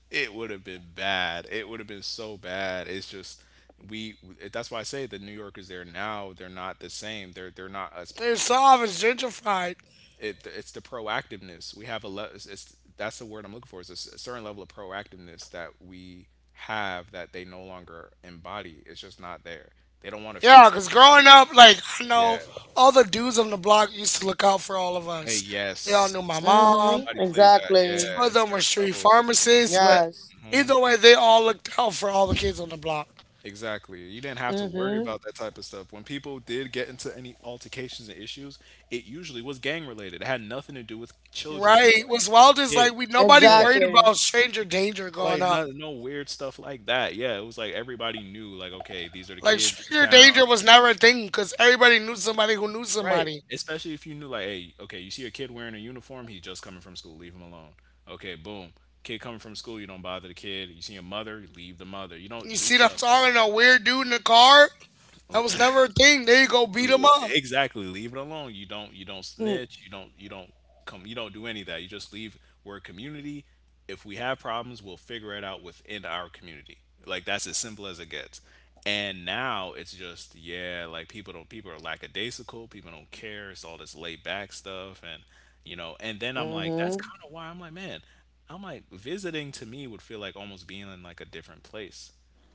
C: it would have been bad, it would have been so bad. It's just, we, that's why I say the New Yorkers there now, they're not the same. They're not as.
A: They're soft. It's gentrified.
C: It it's the proactiveness we have. A le- it's That's the word I'm looking for, is a certain level of proactiveness that we have that they no longer embody. It's just not there. They don't want to
A: Yeah,
C: fix
A: because
C: any problem.
A: growing up, like, I
C: Yeah.
A: know all the dudes on the block used to look out for all of
C: Hey,
A: us. They all knew my
C: yes.
A: mom.
B: Mm-hmm.
C: Nobody plays that.
B: Exactly.
A: Some
C: Yeah,
A: of
C: a
A: them were
C: certain
A: street
C: level.
A: pharmacists, but
B: Yes.
C: Hmm.
A: either way, they all looked out for all the kids on the block.
C: Exactly. You didn't have to worry
B: Mm-hmm.
C: about that type of stuff. When people did get into any altercations and issues, it usually was gang related. It had nothing to do with children or
A: Right.
C: like
A: What's wild is
C: kid.
A: like we nobody
C: Yeah.
A: worried
B: Exactly.
A: about stranger danger going
C: Like
A: up.
C: no no weird stuff like that. Yeah, it was like everybody knew like, okay, these are the
A: Like
C: kids of the
A: stranger
C: town.
A: danger was never a thing because everybody knew somebody who knew
C: Right.
A: somebody.
C: Especially if you knew, like, hey, okay, you see a kid wearing a uniform, he's just coming from school, leave him alone. Okay, boom. Kid coming from school, you don't bother the kid. You see a mother, you leave the mother. You don't
A: You
C: do
A: see them
C: stuff like
A: talking to a weird dude in the car? That was
C: that.
A: never a thing. There you go, beat him up.
C: Exactly. Leave it alone. You don't
B: Mm.
C: snitch. You don't do any of that. You just leave, we're a community. If we have problems, we'll figure it out within our community. Like that's as simple as it gets. And now it's just, yeah, like people are lackadaisical, people don't care, it's all this laid back stuff, and you know, and then I'm like, that's
B: Mm-hmm.
C: kind of why I'm like, man, I'm like visiting to me would feel like almost being in like a different place.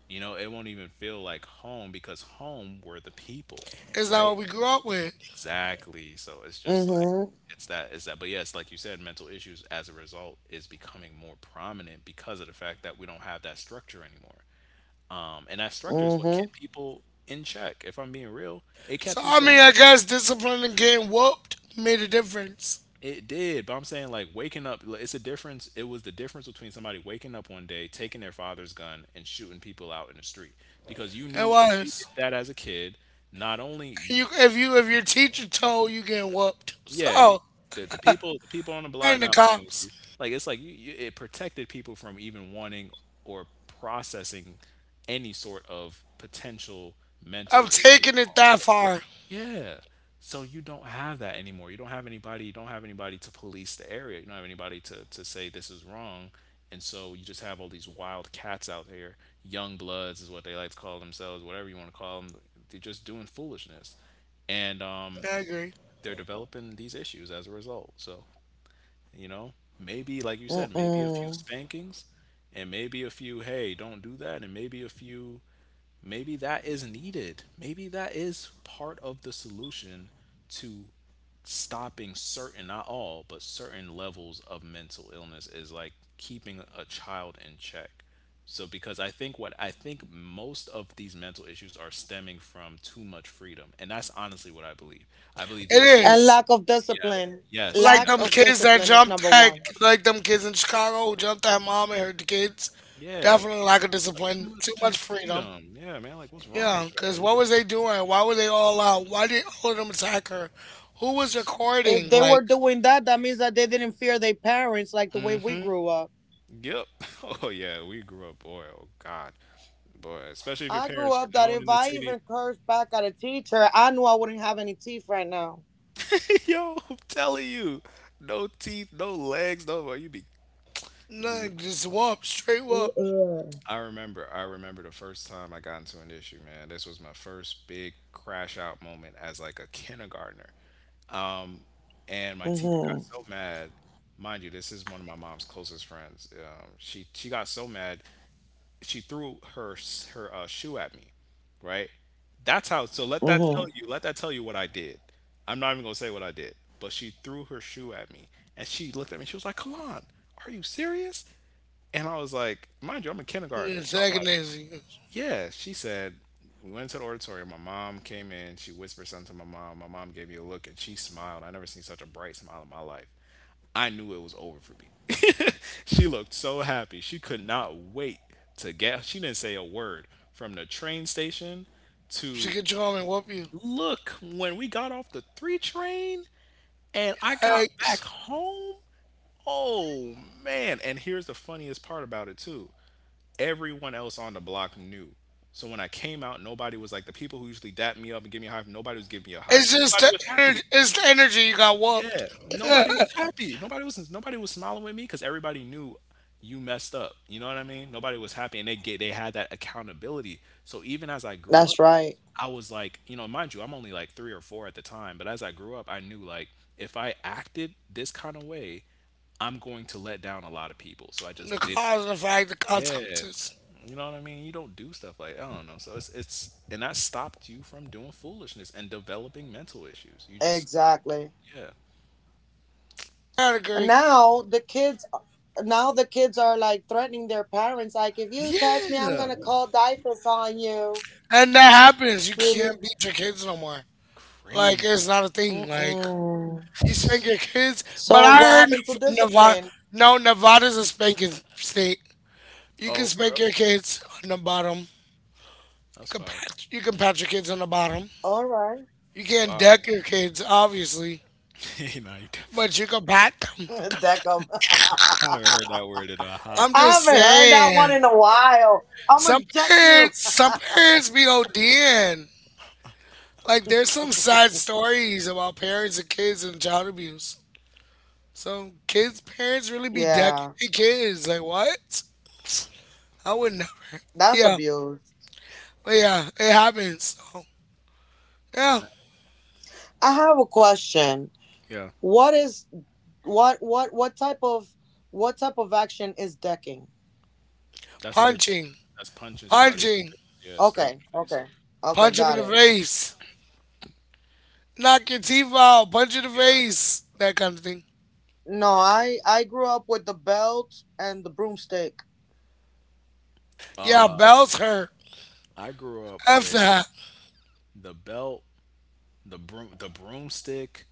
C: You know, it won't even feel like home because home were the people.
A: Is that what
C: Right?
A: we grew up with?
C: Exactly. So it's just like,
B: Mm-hmm.
C: it's that, but yes, like you said, mental issues as a result is becoming more prominent because of the fact that we don't have that structure anymore. And that structure is what
B: Mm-hmm.
C: kept people in check. If I'm being real, it
A: So
C: kept you
A: I mean,
C: from.
A: I guess discipline and getting whooped made a difference.
C: It did, but I'm saying like waking up like, it was the difference between somebody waking up one day, taking their father's gun and shooting people out in the street, because you
A: It
C: knew if you
A: was.
C: did that as a kid, not only you.
A: You, if you, if your teacher told you getting whooped,
C: Yeah, you
A: so
C: the people on the
A: and
C: block
A: the
C: not playing with
A: cops.
C: you. Like it's like you, it protected people from even wanting or processing any sort of potential
A: I'm
C: mental issues,
A: taking it
C: quote
A: that
C: unquote.
A: far.
C: Yeah. So you don't have that anymore. You don't have anybody, you don't have anybody to police the area. You don't have anybody to say this is wrong. And so you just have all these wild cats out there. Young bloods is what they like to call themselves, whatever you want to call them. They're just doing foolishness. And
A: I agree.
C: they're developing these issues as a result. So, you know, maybe like you said, maybe a
B: Mm-mm.
C: few spankings and maybe a few, hey, don't do that, and maybe a few, maybe that is needed. Maybe that is part of the solution to stopping certain, not all, but certain levels of mental illness, is like keeping a child in check. So because I think what I think most of these mental issues are stemming from too much freedom. And that's honestly what I believe. I believe
A: It
C: the ability,
B: And
A: is.
B: lack of
C: yeah.
B: discipline.
C: Yes,
A: Like
B: Lack
C: yes,
A: them
B: of
A: kids that
B: discipline
C: literally
B: is
A: jumped
B: number
A: at,
B: one.
C: that,
A: like them kids in Chicago who jumped at mom and her kids.
C: yep. Yeah.
A: Definitely lack of discipline.
C: Too much
A: Too
C: too
A: much
C: much
A: freedom.
C: freedom. Yeah, man, like, what's wrong
A: Yeah,
C: with
A: because
C: y'all? You
A: what
C: can
A: was they doing? Why were they all out? Why did all of them attack her? Who was
C: just.
B: If
A: recording?
B: they were
A: Like,
B: doing that, that means that they didn't fear their parents like the way we
C: Mhm.
B: grew up.
C: Yep. Oh, yeah, we grew up, boy, oh god. Boy, especially if your
B: I grew
C: parents were
B: up that
C: known
B: if
C: in the
B: I
C: city.
B: even cursed back at a teacher, I knew I wouldn't have any teeth right now.
C: Yo, I'm telling you, no teeth, no legs, no, boy, you be.
A: nah, just whoop, straight whoop.
B: Mm-mm.
C: I remember the first time I got into an issue, man. This was my first big crash out moment as like a kindergartner. Um, and my teacher got
B: Mhm.
C: so mad. Mind you, this is one of my mom's closest friends. She got so mad, she threw her shoe at me, right? That's how. So let that tell
B: Mhm.
C: you. Let that tell you what I did. I'm not even gonna say what I did, but she threw her shoe at me, and she looked at me. She was like, "Come on, are you serious?" And I was like, "Mind you, I'm a kindergartner, so I'm like,
A: Antagonizing you.
C: yeah," she said. We went to the auditorium. My mom came in. She whispered something to my mom. My mom gave me a look and she smiled. I never seen such a bright smile in my life. I knew it was over for me. She looked so happy. She could not wait to get. She didn't say a word from the train station
A: She
C: to
A: could you home and whoop you.
C: look when we got off the 3 train, and I got back
A: Yikes.
C: home. Oh, man. And here's the funniest part about it, too. Everyone else on the block knew. So when I came out, nobody was like the people who usually dap me up and give me a high five. Nobody was giving me a high
A: It's
C: five.
A: just
C: Nobody
A: the
C: was happy.
A: energy, it's the energy you got whooped.
C: Yeah,
A: Yeah.
C: nobody was happy. Nobody was smiling with me because everybody knew you messed up. You know what I mean? Nobody was happy, and they had that accountability. So even as I grew
B: That's
C: up,
B: right.
C: I was like, you know, mind you, I'm only like three or four at the time, but as I grew up, I knew like if I acted this kind of way, I'm going to let down a lot of people. So I
A: The
C: just did it.
A: cause and the fact, the
C: Yeah.
A: consequences.
C: You know what I mean? You don't do stuff like I don't know. So it's and that stopped you from doing foolishness and developing mental issues. You just stopped.
B: Exactly.
C: Yeah.
A: I
B: And
A: agree.
B: now the kids now the kids are like threatening their parents, like if you touch me, I'm going
C: Yeah.
B: to call diapers on you.
A: And that happens. You
B: Really?
A: can't beat your kids no more. Like
C: Crazy.
A: it's not a thing. Like
B: Mm-mm.
A: you spank your kids, but
B: So
A: I
B: what
A: heard
B: happened to
A: Nevada.
B: discipline?
A: No, Nevada's a spanking state. You can
C: Oh, for
A: spank
C: real?
A: your kids on the bottom. You
C: That's
A: can
C: fire.
A: pat. You can pat your kids on the bottom.
B: All right.
A: You can't
C: Wow.
A: deck your kids, obviously,
C: Nah, you definitely
A: but
C: can't.
A: you can pat them.
B: Deckham.
C: I haven't heard that word in a hot
A: I'm
B: I
A: just
C: minute.
B: haven't heard that one
A: saying.
B: in a while. I'm
C: Right.
A: Some
B: gonna deck you.
A: some parents be ODing. Like there's some sad stories about parents and kids and child abuse. So kids, parents really be decking
B: Yeah,
A: their kids. Like what? I would never. But
B: that's
A: yeah,
B: abuse.
A: but yeah, it happens. So yeah,
C: Right.
B: I have a question.
C: Yeah.
B: What is what type of action is decking?
C: That's a good question.
A: punching,
C: That's punching somebody in the
A: punching,
C: face. Yeah, straight in
B: Okay,
C: the face.
B: okay, okay,
A: punch him in
B: got
A: the
B: it.
A: face, knock your teeth out, punch in the
C: Yeah.
A: face, that kind of thing.
B: No, I grew up with the belt and the broomstick.
C: Yeah.
A: Yeah, bells hurt.
C: I grew up
A: F
C: with
A: that.
C: the belt, the broom, the broomstick,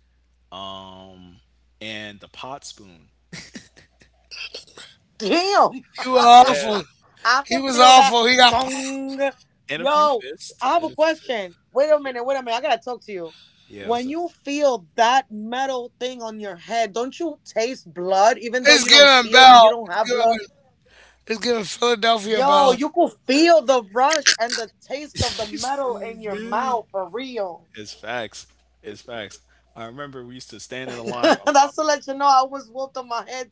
C: um, and the pot spoon.
B: Damn.
A: You were
C: Yeah,
A: awful.
B: I
A: He
B: can
A: was
B: feel that
A: awful. He got popped.
B: gong.
C: and a few
B: Yo,
C: fists,
B: I have
C: and
B: a
C: a few fists.
B: question. Wait a
C: Yeah,
B: minute, wait a minute. I gotta talk to you.
C: yeah. What's
B: When
C: up?
B: you feel that metal thing on your head, don't you taste blood even though
A: It's giving
B: you
A: bell.
B: don't
A: It's
B: have
A: giving.
B: blood?
A: It's giving Philadelphia
B: Yo,
A: bell.
B: you could feel the rush and the taste of the
C: He
B: metal
C: said,
B: in your
C: yeah,
B: mouth for real.
C: it's facts. It's facts. I remember we used to stand in a line. My mom,
B: That's to let you know I was whooped on my head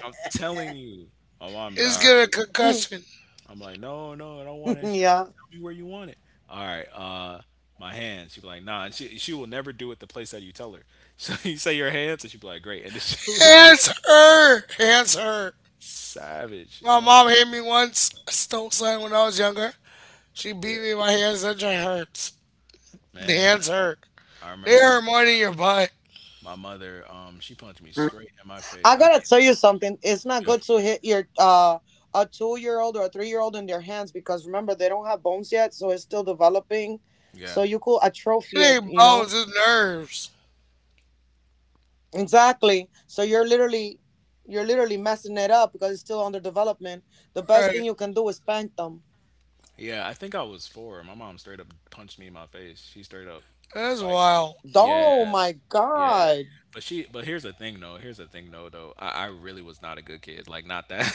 C: I'm telling you, my mom be like, "All
A: It's
C: right, what
A: giving
C: do you want?"
B: too.
A: concussion.
C: I'm like, "No, no, I don't want it." She like, "Don't
B: Yeah.
C: tell me where you want it." All right, my hands. She be like, "Nah," and she will never do it the place that you tell her. So you say your hands, and she be like, "Great," and then she'll hit you.
A: Hands
C: Up.
A: hurt. Hands hurt.
C: Savage. I
A: My
C: don't.
A: mom hit me once. I stole something when I was younger. She
C: Yeah,
A: beat me. My hands. That joint hurts. The
C: man.
A: hands hurt.
C: I
A: They
C: remember one.
A: hurt more than your butt.
C: My mother, she punched me
B: I
C: straight in
B: gotta
C: my
B: tell you
C: face. I mean,
B: something. It's not good to hit
C: yeah,
B: your a 2-year old or a 3-year old in their hands, because remember they don't have bones yet, so it's still developing. So you
C: yeah,
B: could atrophy it,
A: It
B: you
A: ain't
B: know?
A: bones, it's nerves.
B: Exactly. So you're literally messing it up because it's still under development. The best
A: Right.
B: thing you can do is spank them.
C: yeah. I think I was four. My mom straight up punched me in my face. She straight up,
A: That's
C: like,
A: wild.
C: yeah,
B: Oh my
C: yeah.
B: god.
C: But here's the thing, though. Here's the thing, though. Though I really was not a good kid. Like, not that.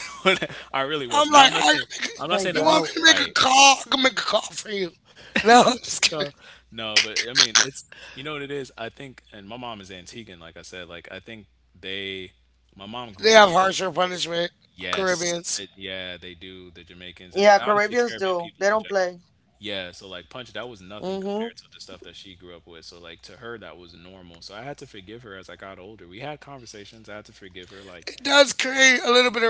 C: I really
A: I'm
C: was. Now I'm
A: like, I
C: not
A: can
C: saying,
A: make a,
C: I'm not saying
A: you
C: that makes
A: want me
B: Yo.
C: it
A: to make a
C: right.
A: call? I can make a call for you. No, I'm just kidding.
C: No, but I mean, it's you know what it is. I think, and my mom is Antiguan, like I said. Like I think they, my mom grew
A: They
C: up
A: have
C: really,
A: harsher
C: really.
A: punishment,
C: Yes.
A: Caribbeans.
C: Yeah, they do. The Jamaicans and
B: Yeah,
C: honestly
B: Caribbeans
C: Caribbean
B: do.
C: people
B: They
C: in
B: don't
C: general.
B: play.
C: Yeah, so like Punch, that was nothing
B: Mm-hmm.
C: compared to the stuff that she grew up with. So like to her that was normal. So I had to forgive her as I got older. We had conversations. I had to forgive her. Like,
A: It does
C: you know,
A: create a little bit of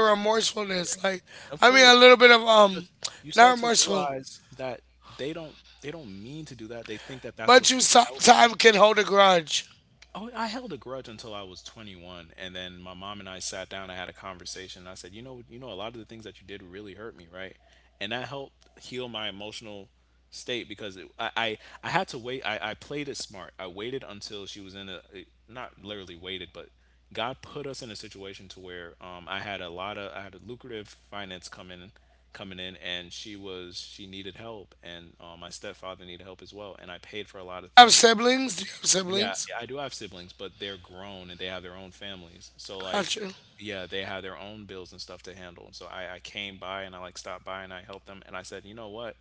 C: yeah,
A: remorsefulness. Like,
C: of
A: I mean,
C: course,
A: a little bit of,
C: because you
A: not
C: start to
A: remorseful,
C: realize that they don't mean to do that. They think that that's
A: but
C: what's
A: you
C: going to help you.
A: sometimes can hold a grudge.
C: Oh, I held a grudge until I was 21, and then my mom and I sat down. I had a conversation. And I said, you know, a lot of the things that you did really hurt me, right?" And that helped heal my emotional state because it, I had to wait. I played it smart. I waited until she was in a not literally waited, but God put us in a situation to where I had a lucrative finance coming in, and she needed help, and my stepfather needed help as well, and I paid for a lot of
A: Have
C: things.
A: siblings? Do you have
C: Yeah,
A: siblings?
C: I do have siblings, but they're grown and they have their own families. So like,
A: Gotcha.
C: yeah, they have their own bills and stuff to handle. And so I came by and I like stopped by and I helped them and I said, you know what?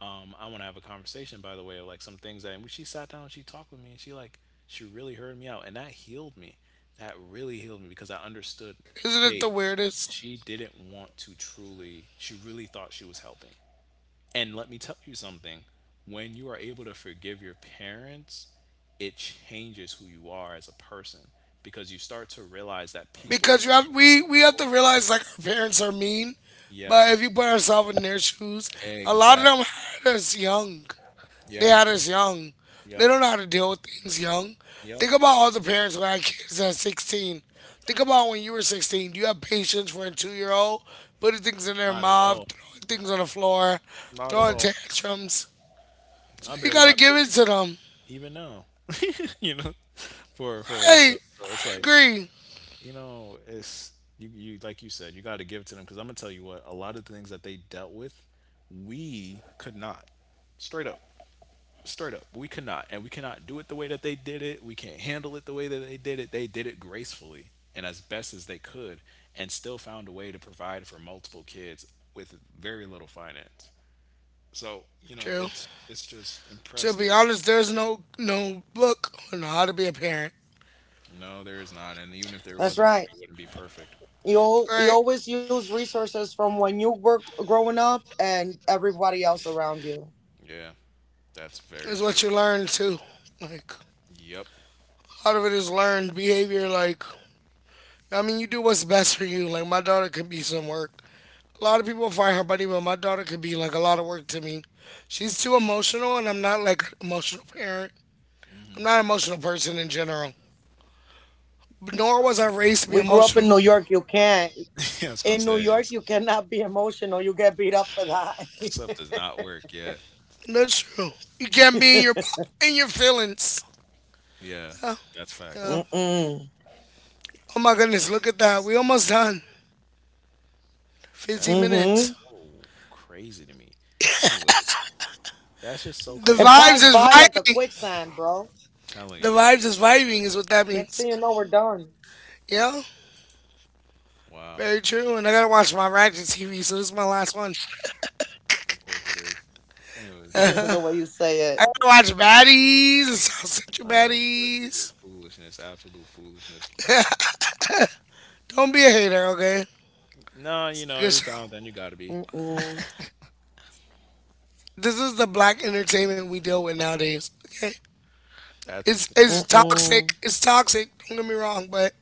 C: I want to have a conversation by the way of like some things that and she sat down and she talked with me and she really heard me out, and that healed me. That really healed me because I understood,
A: Isn't it the
C: hey,
A: weirdest?
C: she didn't want to, truly she really thought she was helping, and let me tell you something: when you are able to forgive your parents, it changes who you are as a person because you start to realize that people,
A: Because you have we have to realize like our parents are mean, but
C: yes,
A: if you put ourselves in their shoes, a lot of
C: exactly.
A: them had us young. They
C: Yeah,
A: had us young. They
C: yep,
A: don't know how to deal with things young.
C: yep.
A: Think about all the parents who had kids at 16. Think about when you were 16. Do you have patience for a 2 year old putting things in their
C: Not at
A: mouth,
C: all.
A: throwing things on the floor,
C: Not at
A: throwing
C: all.
A: tantrums?
C: I
A: You
C: barely
A: gotta
C: got
A: give it to
C: patience
A: them.
C: even now, you know, for that
A: Hey,
C: stuff. So it's
A: I
C: like,
A: agree.
C: you know, it's you like you said, you got to give it to them because I'm gonna tell you what, a lot of things that they dealt with, we could not, straight up. Straight up, we could not, and we cannot do it the way that they did it. We can't handle it the way that they did it. They did it gracefully and as best as they could, and still found a way to provide for multiple kids with very little finance. So you know,
A: True.
C: it's just
A: To be
C: impressive.
A: honest, there's no no book on how to be a parent.
C: No, there is not, and even if there was a
B: That's
C: book, it
B: right.
C: wouldn't be perfect.
B: you al-
A: Right?
B: you always use resources from when you were growing up and everybody else around you.
C: Yeah, that's very
A: It's what
C: true.
A: you learn too. Like
C: Yep.
A: a lot of it is learned behavior. Like I mean, you do what's best for you. Like my daughter could be some work. A lot of people find her buddy, but my daughter could be like a lot of work to me. She's too emotional, and I'm not like an emotional parent. I'm not an emotional person in general. Nor was I raised to be
B: We grew up
A: emotional.
B: in New York. You can't
C: I was gonna
B: in New
C: say is
B: York. You cannot be emotional. You get beat up for that.
C: stuff does not work. Yeah,
A: That's true. You can't be in your feelings.
C: yeah, that's facts.
A: Yeah.
B: Mm-mm.
A: Oh my goodness, look at that. We almost done.
C: That
A: 15 minutes.
C: that's
B: Mm-hmm.
C: so crazy to me. Anyways, that's just so
A: The
C: crazy.
B: It
A: vibes is
B: passed by like a
A: vibing.
B: quicksand, bro.
C: Telling you.
A: The vibes is vibing is what that
B: Next
A: means.
B: thing you know, we're done.
A: Yeah,
C: Wow.
A: very true. And I gotta watch my Ratchet TV, so this is my last one.
C: Of course it is. Anyways,
B: The way you say
A: I
B: it.
A: gotta watch Baddies and South Central
C: of course he did.
A: Baddies.
C: Foolishness, absolute foolishness.
A: Don't be a hater, okay?
C: No, you
A: It's
C: know,
A: a good
C: every
A: show.
C: time then you gotta be.
B: Mm-mm.
A: This is the black entertainment we deal with nowadays. Okay,
C: That's what you consider.
A: it's toxic.
B: Mm-mm.
A: It's toxic. Don't get me wrong, but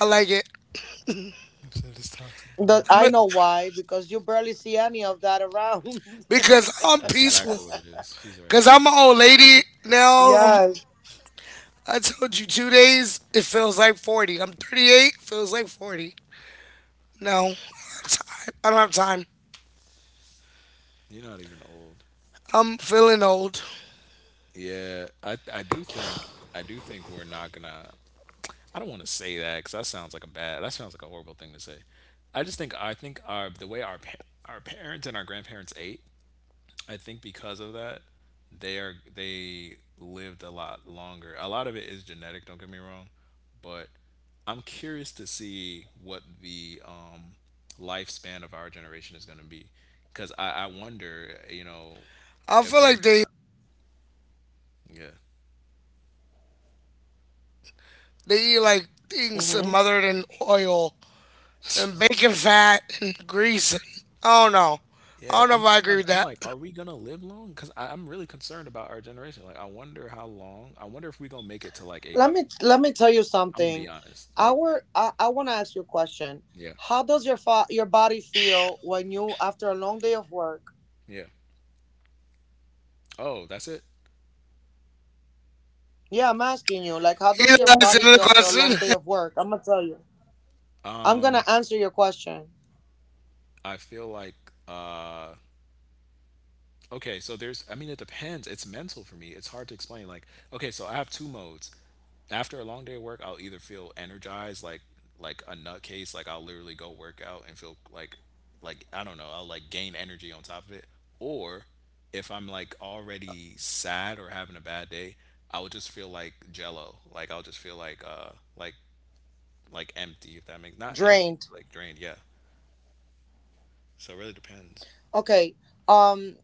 A: I like it.
C: You said it's toxic, but I
A: I'm
C: like
A: a,
B: I
C: it.
B: know why, because you barely see any of that around.
A: because I'm
C: That's exactly
A: peaceful.
C: what it is. She's right.
A: Cause I'm an old lady now. I'm,
B: Yeah.
A: I told you 2 days. It feels like 40. I'm 38. Feels like 40. No, I don't have time. I don't have time.
C: You're not even old.
A: I'm feeling old.
C: Yeah, I do think I do think we're not gonna. I don't want to say that because that sounds like a bad. That sounds like a horrible thing to say. I just think, I think our the way our pa- our parents and our grandparents ate. I think because of that, they lived a lot longer. A lot of it is genetic, don't get me wrong, but I'm curious to see what the lifespan of our generation is going to be, because I wonder, you know,
A: I
C: if
A: feel
C: we're
A: like they
C: gonna
A: they eat like things
B: Hmm.
A: smothered in oil
C: yeah.
A: and bacon fat and grease. I don't know.
C: Yeah,
A: I don't
C: I'm
A: know if
C: just
A: I
C: trying
A: agree
C: to,
A: with
C: I'm
A: that.
C: like, are we gonna live long? Because I'm really concerned about our generation. Like, I wonder how long, I wonder if we gonna make it to like 80.
B: Let me tell you
C: I'm gonna be
B: something.
C: honest. Like,
B: I want to ask you a question.
C: yeah,
B: How does your body feel when you after a long day of work?
C: yeah. Oh, that's it?
B: Yeah, I'm asking you. Like, how
A: He's
B: does your
A: asking
B: body
A: another
B: feel after a long day
A: question.
B: of work? I'm gonna tell you. I'm gonna answer your question.
C: I feel like uh okay, so there's I mean it depends. It's mental for me. It's hard to explain. Like, okay, so I have two modes. After a long day of work, I'll either feel energized like a nutcase, like I'll literally go work out and feel like I don't know, I'll like gain energy on top of it. Or if I'm like already sad or having a bad day, I would just feel like jello. Like I'll just feel like empty if that makes not empty,
B: Drained.
C: like drained, yeah. So it really depends.
B: Okay. Um.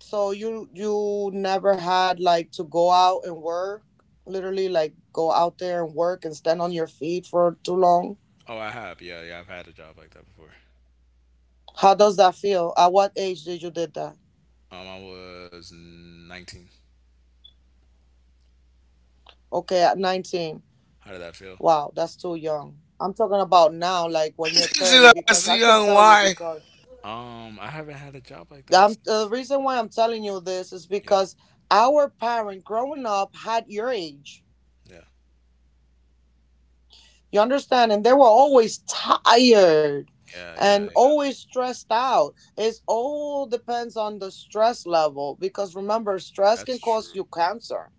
B: So you never had like to go out and work, literally like go out there and work and stand on your feet for too long.
C: Oh, I have. Yeah, yeah, I've had a job like that before.
B: How does that feel? At what age did you did that?
C: I was 19.
B: Okay, at 19.
C: How did that feel?
B: Wow, that's too young. I'm talking about now, like when you're
A: She's
B: 30, because I
A: asking
B: can
A: young
B: tell you
A: why.
B: because
C: I haven't had a job like that since.
B: the reason why I'm telling you this is
C: Yeah,
B: because our parent growing up had your age.
C: yeah,
B: You understand? And they were always tired
C: yeah, yeah,
B: and
C: yeah.
B: always stressed out. It all depends on the stress level because, remember, stress
C: That's
B: can
C: true.
B: cause you cancer.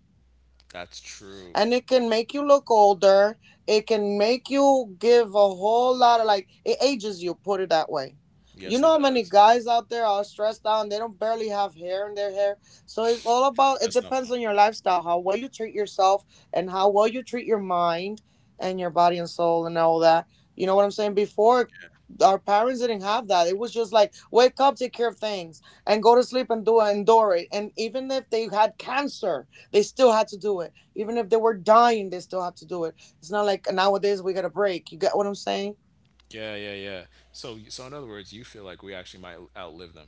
C: That's true.
B: And it can make you look older. It can make you give a whole lot of, like, it ages you, put it that way.
C: Yes,
B: You
C: it
B: know how many
C: does.
B: guys out there are stressed out and they don't barely have hair in their hair. So it's all about,
C: That's
B: it
C: not funny.
B: depends on your lifestyle, how well you treat yourself and how well you treat your mind and your body and soul and all that. You know what I'm saying? Before, our parents didn't have that. It was just like wake up, take care of things, and go to sleep and do endure it. And even if they had cancer, they still had to do it. Even if they were dying, they still have to do it. It's not like nowadays we get a break. You get what I'm saying?
C: Yeah, yeah, yeah. So in other words, you feel like we actually might outlive them.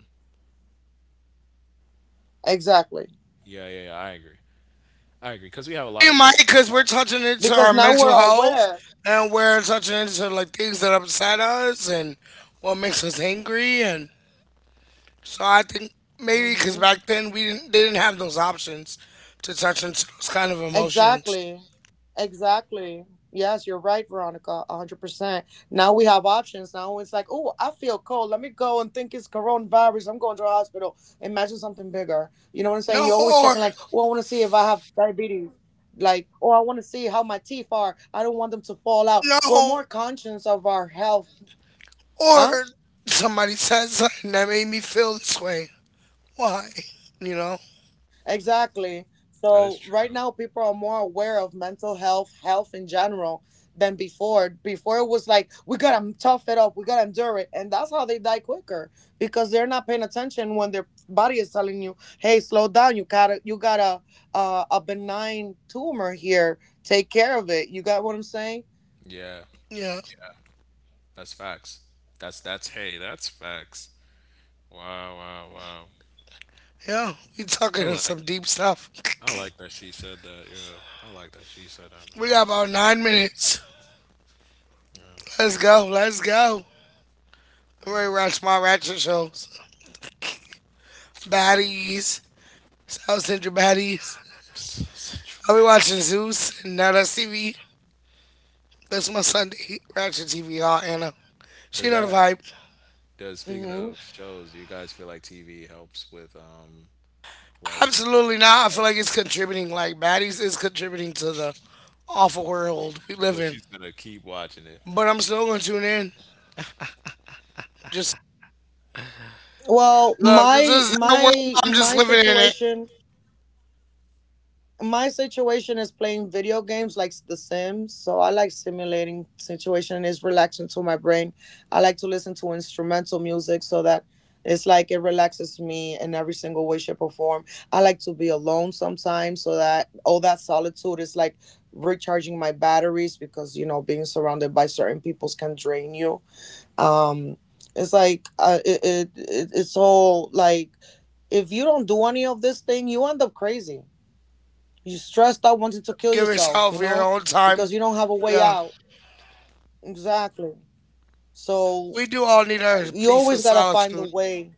B: Exactly.
C: Yeah, yeah, yeah. I agree. I agree because we have a lot
A: We
C: of work
A: might
C: from
A: because
C: home.
A: we're touching into our
B: Because now we're
A: mental health
B: aware.
A: and we're touching into like things that upset us and
C: Yeah,
A: what makes us angry and so I think maybe because
B: Hmm.
A: back then we didn't they didn't have those options to touch into those kind of emotions.
B: Exactly. Exactly. Yes, you're right, Veronica. 100%. Now we have options. Now it's like, oh, I feel cold. Let me go and think it's coronavirus. I'm going to the hospital. Imagine something bigger. You know what I'm saying?
A: No,
B: You're always
A: or
B: checking, like, oh, I want to see if I have diabetes. Like, oh, I want to see how my teeth are. I don't want them to fall out. We're
A: no,
B: more conscious of our health.
A: or
B: Huh?
A: somebody said something that made me feel this way. Why? You know?
B: Exactly.
C: that is
B: So
C: true.
B: right now people are more aware of mental health, health in general, than before. Before it was like we gotta tough it up, we gotta endure it, and that's how they die quicker, because they're not paying attention when their body is telling you, "Hey, slow down. You got a benign tumor here. Take care of it." You got what I'm saying?
C: Yeah,
A: Yeah.
C: yeah. That's facts. That's hey, that's facts. Wow, wow, wow.
A: Yeah. We
C: I
A: talking on
C: like
A: some deep stuff.
C: I like that she said that. Yeah, I like that she said that. Man, I
A: We
C: was,
A: got about 9 minutes.
C: man,
A: Let's go. Let's go. I'm
C: wow,
A: ready to watch my ratchet shows. Baddies. South Central Baddies.
C: such a
A: I'll be
C: bad.
A: watching Zeus and Now That's TV. That's my Sunday ratchet TV. Y'all, Anna.
C: Does
A: She know
C: that?
A: the vibe.
C: Does speaking of
B: hmm
C: shows, do you guys feel like TV helps with like?
A: Absolutely not. I feel like it's contributing. Like baddies is contributing to the awful world we
C: But
A: live
C: she's
A: in.
C: gonna keep watching it,
A: But I'm still gonna tune in. Just
B: Well,
A: look, this
B: my
A: is their world.
B: my
A: I'm just
B: my
A: living in it.
B: situation my situation is playing video games like The Sims. So I like simulating situation. It's relaxing to my brain. I like to listen to instrumental music so that it's like it relaxes me in every single way, shape, or form. I like to be alone sometimes so that all that solitude is like recharging my batteries, because being surrounded by certain peoples can drain you. Um, it's like it's all like, if you don't do any of this thing, you end up crazy. You're stressed out wanting to kill
A: Give
B: yourself,
A: yourself your own time.
B: because you don't have a way
A: Yeah,
B: out. Exactly. So
A: we do all need our
B: you
A: piece of
B: always got to find a
A: solitude.
B: way.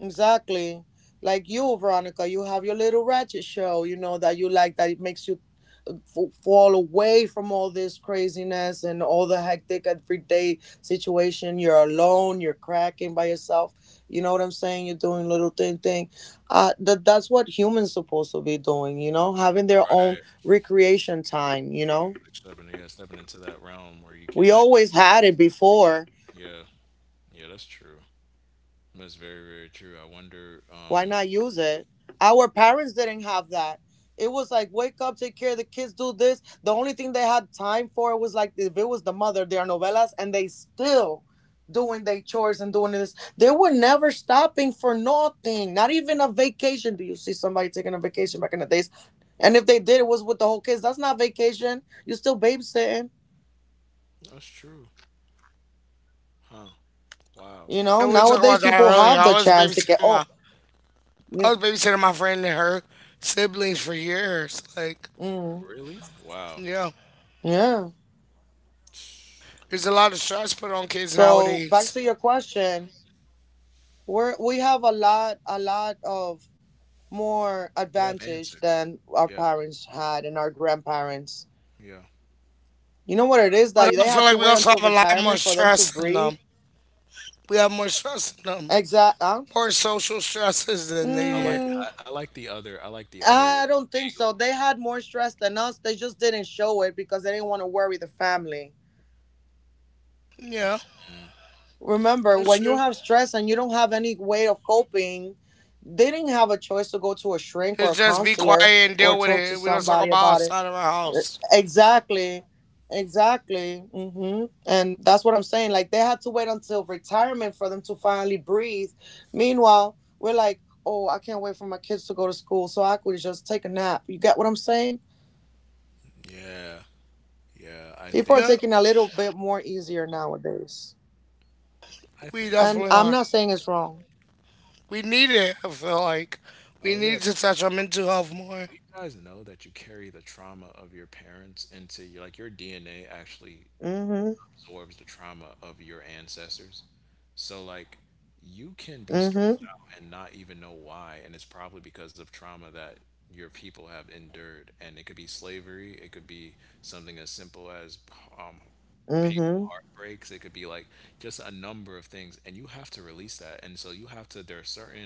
B: Exactly. Like you, Veronica, you have your little ratchet show, that you like, that it makes you fall away from all this craziness and all the hectic everyday situation. You're alone. You're cracking by yourself. You know what I'm saying? You're doing little thing thing. That's what humans supposed to be doing. You know, having their
C: right?
B: own recreation time. You know,
C: Like stepping Yeah, stepping into that realm where you can.
B: we
C: Act,
B: always had it before.
C: yeah, yeah, that's true. That's very very true. I wonder. Um,
B: Why not use it? Our parents didn't have that. It was like wake up, take care of the kids, do this. The only thing they had time for was like if it was the mother, their novelas, and they still doing their chores and doing this. They were never stopping for nothing. Not even a vacation. Do you see somebody taking a vacation back in the days? And if they did, it was with the whole kids. That's not vacation. You're still babysitting.
C: that's true, huh? Wow,
B: You know,
A: And we talked
B: nowadays
A: about that
B: people
A: earlier.
B: have the chance to get. Oh,
A: I
B: yeah.
A: was babysitting my friend and her siblings for years. Like,
B: Mm,
C: really? Wow,
A: yeah,
B: yeah.
A: there's a lot of stress put on kids
B: So back
A: nowadays.
B: to your question. We have a lot of more
C: we have
B: advantage
C: answers.
B: than our
C: Yeah,
B: parents had and our grandparents.
C: yeah.
B: You know what it is,
A: But
B: that
A: I
B: they
A: feel
B: had to
A: like we
B: wait
A: also
B: until
A: have a lot more
B: retirement for them to
A: stress than
B: breathe.
A: them. We have more stress than them.
B: Exact. Huh?
A: More social stresses than
C: I
A: they
C: like
A: did.
B: Mm,
C: I, I like the other I like the other
B: I don't think
C: angle.
B: so. They had more stress than us. They just didn't show it because they didn't want to worry the family.
A: Yeah,
B: Remember,
A: that's
B: when you
A: true.
B: have stress and you don't have any way of coping, they didn't have a choice to go to a shrink or
A: It's
B: a
A: just be quiet
B: counselor
A: and
B: or
A: deal with
B: talk to
A: it. We don't talk
B: somebody
A: about
B: about it.
A: outside of our house.
B: Exactly. Exactly. And that's what I'm saying. Like they had to wait until retirement for them to finally breathe. Meanwhile, we're like, oh, I can't wait for my kids to go to school so I could just take a nap. You get what I'm saying?
C: Yeah, yeah, I think
B: People are
A: Yeah,
B: taking a little bit more easier nowadays.
C: I think
A: we
C: so.
B: And
A: definitely
B: I'm
A: are.
B: not saying it's wrong.
A: We need it, I feel like.
C: Oh
A: We
C: yeah,
A: need
C: because
A: to touch on mental health
C: do you
A: more.
C: guys know that you carry the trauma of your parents into like your DNA actually
B: Mm-hmm.
C: absorbs the trauma of your ancestors. So like you can be stressed
B: Mm-hmm.
C: out and not even know why, and it's probably because of trauma that your people have endured, and it could be slavery, it could be something as simple as um painful
B: Mm-hmm.
C: heartbreaks, it could be like just a number of things, and you have to release that. And so you have to there are certain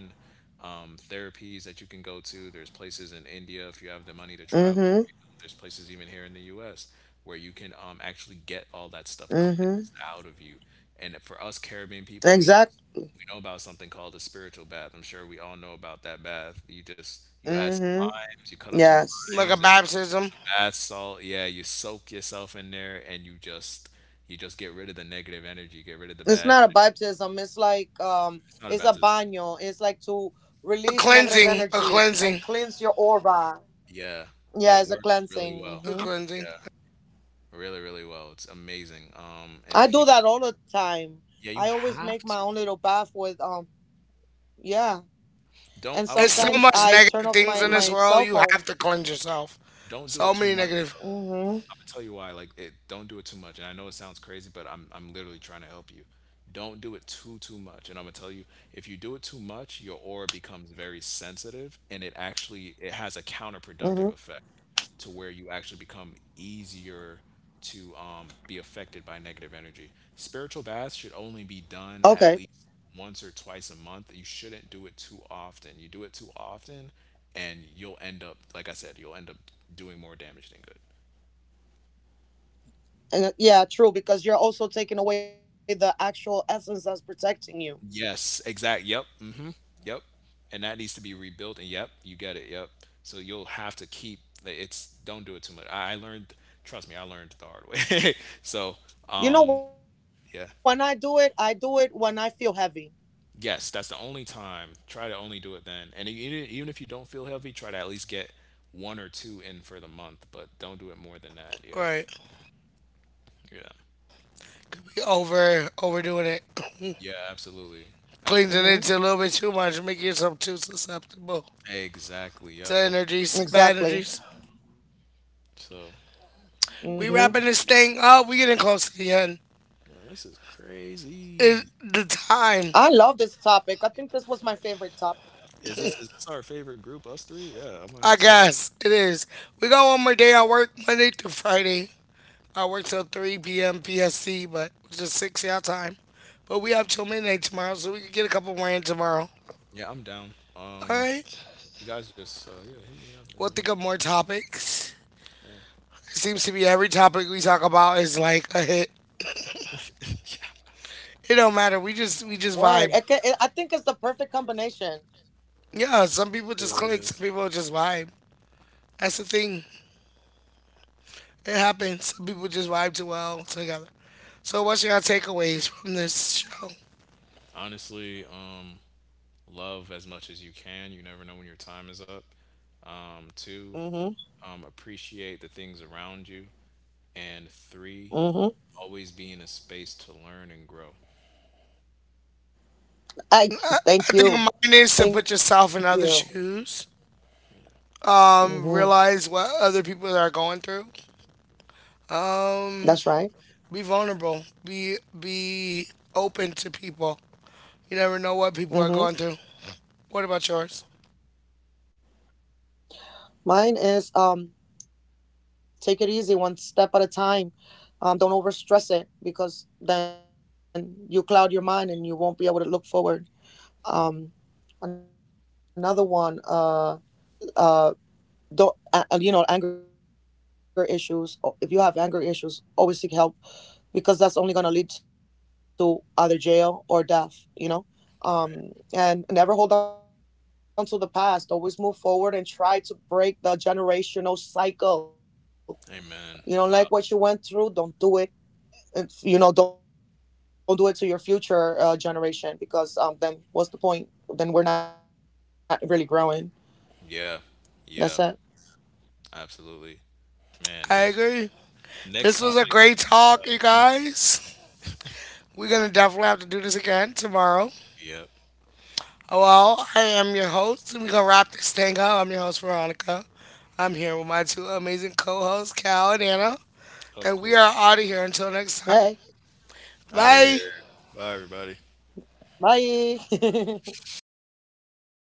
C: therapies that you can go to. There's places in India if you have the money to travel.
B: Mm-hmm.
C: There's places even here in the U.S. where you can actually get all that stuff cleansed
B: Mm-hmm.
C: out of you. And for us Caribbean people, we
B: Exact.
C: we know about something called a spiritual bath. I'm sure we all know about that bath. You add some
B: Mm-hmm.
C: limes, you cut up some
B: Yes.
C: limes
A: Like a
C: and some
A: baptism.
C: bath salt. Yeah, you soak yourself in there and you just get rid of the negative energy, get rid of the bad.
B: It's not a baptism, it's like
C: It's not a
B: it's a
C: baptism.
B: baño, it's like to
A: A
B: release negative
A: cleansing. A
B: energy and
A: cleansing.
B: cleanse your aura.
C: Yeah, it
B: Yeah, it's
C: works
B: a
C: really well.
B: cleansing.
A: A
B: Hmm.
C: Yeah.
A: cleansing.
C: Really, really well. It's amazing. And if you,
B: I do that all the time.
C: yeah, you
B: I always
C: have
B: make
C: to.
B: my own little bath with yeah.
C: Don't. I
B: And
C: will say
A: There's
C: this.
A: so
B: sometimes
A: much
B: I turn
C: Don't
A: negative
B: off
C: do it.
A: things
B: my
A: in this
B: my
A: world,
B: cell
A: you have
B: phone.
A: to cleanse yourself.
C: Don't do it too
A: So
C: much.
A: many negative
B: Hmm.
C: I'm gonna tell you why. Like, it, don't do it too much. And I know it sounds crazy, but I'm literally trying to help you. Don't do it too much. And I'm gonna tell you, if you do it too much, your aura becomes very sensitive, and it has a counterproductive effect
B: Hmm.
C: to where you actually become easier to be affected by negative energy. Spiritual baths should only be done at least
B: Okay.
C: once or twice a month. You shouldn't do it too often. You do it too often, and you'll end up, like I said, you'll end up doing more damage than good.
B: Yeah, true, because you're also taking away the actual essence that's protecting you.
C: Yes, exact. Yep. Hmm. Yep. And that needs to be rebuilt. And yep, you get it. Yep. So you'll have to keep like, it's don't do it too much. I learned, trust me, I learned the hard way. So, um, yeah.
B: You know when I do it I do it when I feel heavy.
C: Yes, that's the only time. Try to only do it then. And even if you don't feel healthy, try to at least get one or two in for the month, but don't do it more than that. Yeah.
A: right.
C: Yeah.
A: We over overdoing it.
C: Yeah, absolutely. Absolutely.
A: Cleansing it to a little bit too
B: Hmm.
A: much, making yourself too susceptible
C: Exactly. Yep.
A: to
C: Open.
A: energies, bad energies.
B: Exactly.
C: So, yeah.
A: We wrapping
B: hmm
A: this thing up, we getting close to the end.
C: Man, this is crazy.
A: It, the time.
B: I love this topic. I think this was my favorite
C: Is this
B: topic.
C: is this our favorite group, us three? Yeah, I'm gonna have to
A: I
C: say.
A: guess it is. We got one more day. I work Monday through Friday. I work till 3 p.m. PST, but it's just 6-hour time. But we have till midnight tomorrow, so we can get a couple more in tomorrow.
C: Yeah, I'm down. Um,
A: All right.
C: you guys just yeah, hit me up and yeah,
A: We'll think of more topics.
C: yeah.
A: It seems to be every topic we talk about is like a hit. It don't matter. We just vibe.
B: Word. I think it's the perfect combination.
A: Yeah, some
C: It
A: people just
C: really
A: click.
C: is.
A: Some people just vibe. That's the thing. It happens. Some people just vibe too well together. So what's your takeaways from this show?
C: Honestly, love as much as you can. You never know when your time is up. Two,
B: Mm-hmm.
C: appreciate the things around you, and three, always
B: Mm-hmm.
C: be in a space to learn and grow.
B: I
A: I, I think
B: thank
A: mine
B: you.
A: is to put yourself
B: Thank
A: in other
B: you.
A: shoes. Realize what
B: Mm-hmm.
A: other people are going through. Um,
B: That's right.
A: be vulnerable. Be open to people. You never know what people are going through.
B: Mm-hmm.
A: What about yours?
B: Mine is take it easy, one step at a time. Don't overstress it because then you cloud your mind and you won't be able to look forward.
C: Mm.
B: Um, another one, uh though, anger issues, if you have anger issues, always seek help, because that's only going to lead to either jail or death. you know
C: Right.
B: um and never hold on to the past. Always move forward and try to break the generational cycle.
C: Amen.
B: You
C: Wow.
B: don't like what you went through, don't do it. Don't do it to your future generation, because then what's the point? Then we're not really growing.
C: Yeah. Yeah.
B: That's it.
C: Absolutely. Man,
A: I
C: this
A: agree.
C: next
A: This
C: topic.
A: was a
C: Let's talk
A: great
C: about
A: talk, you
C: ancestors.
A: guys. We're gonna definitely have to do this again tomorrow.
C: Yep.
A: Oh, well, I am your host, and we're gonna wrap this thing up. I'm your host, Veronica. I'm here with my two amazing co-hosts, Cal and Anna,
C: Of
A: and
C: course.
A: we are out of here until next time.
B: Hey.
C: Out of here.
A: Bye.
C: Bye, everybody.
B: Bye.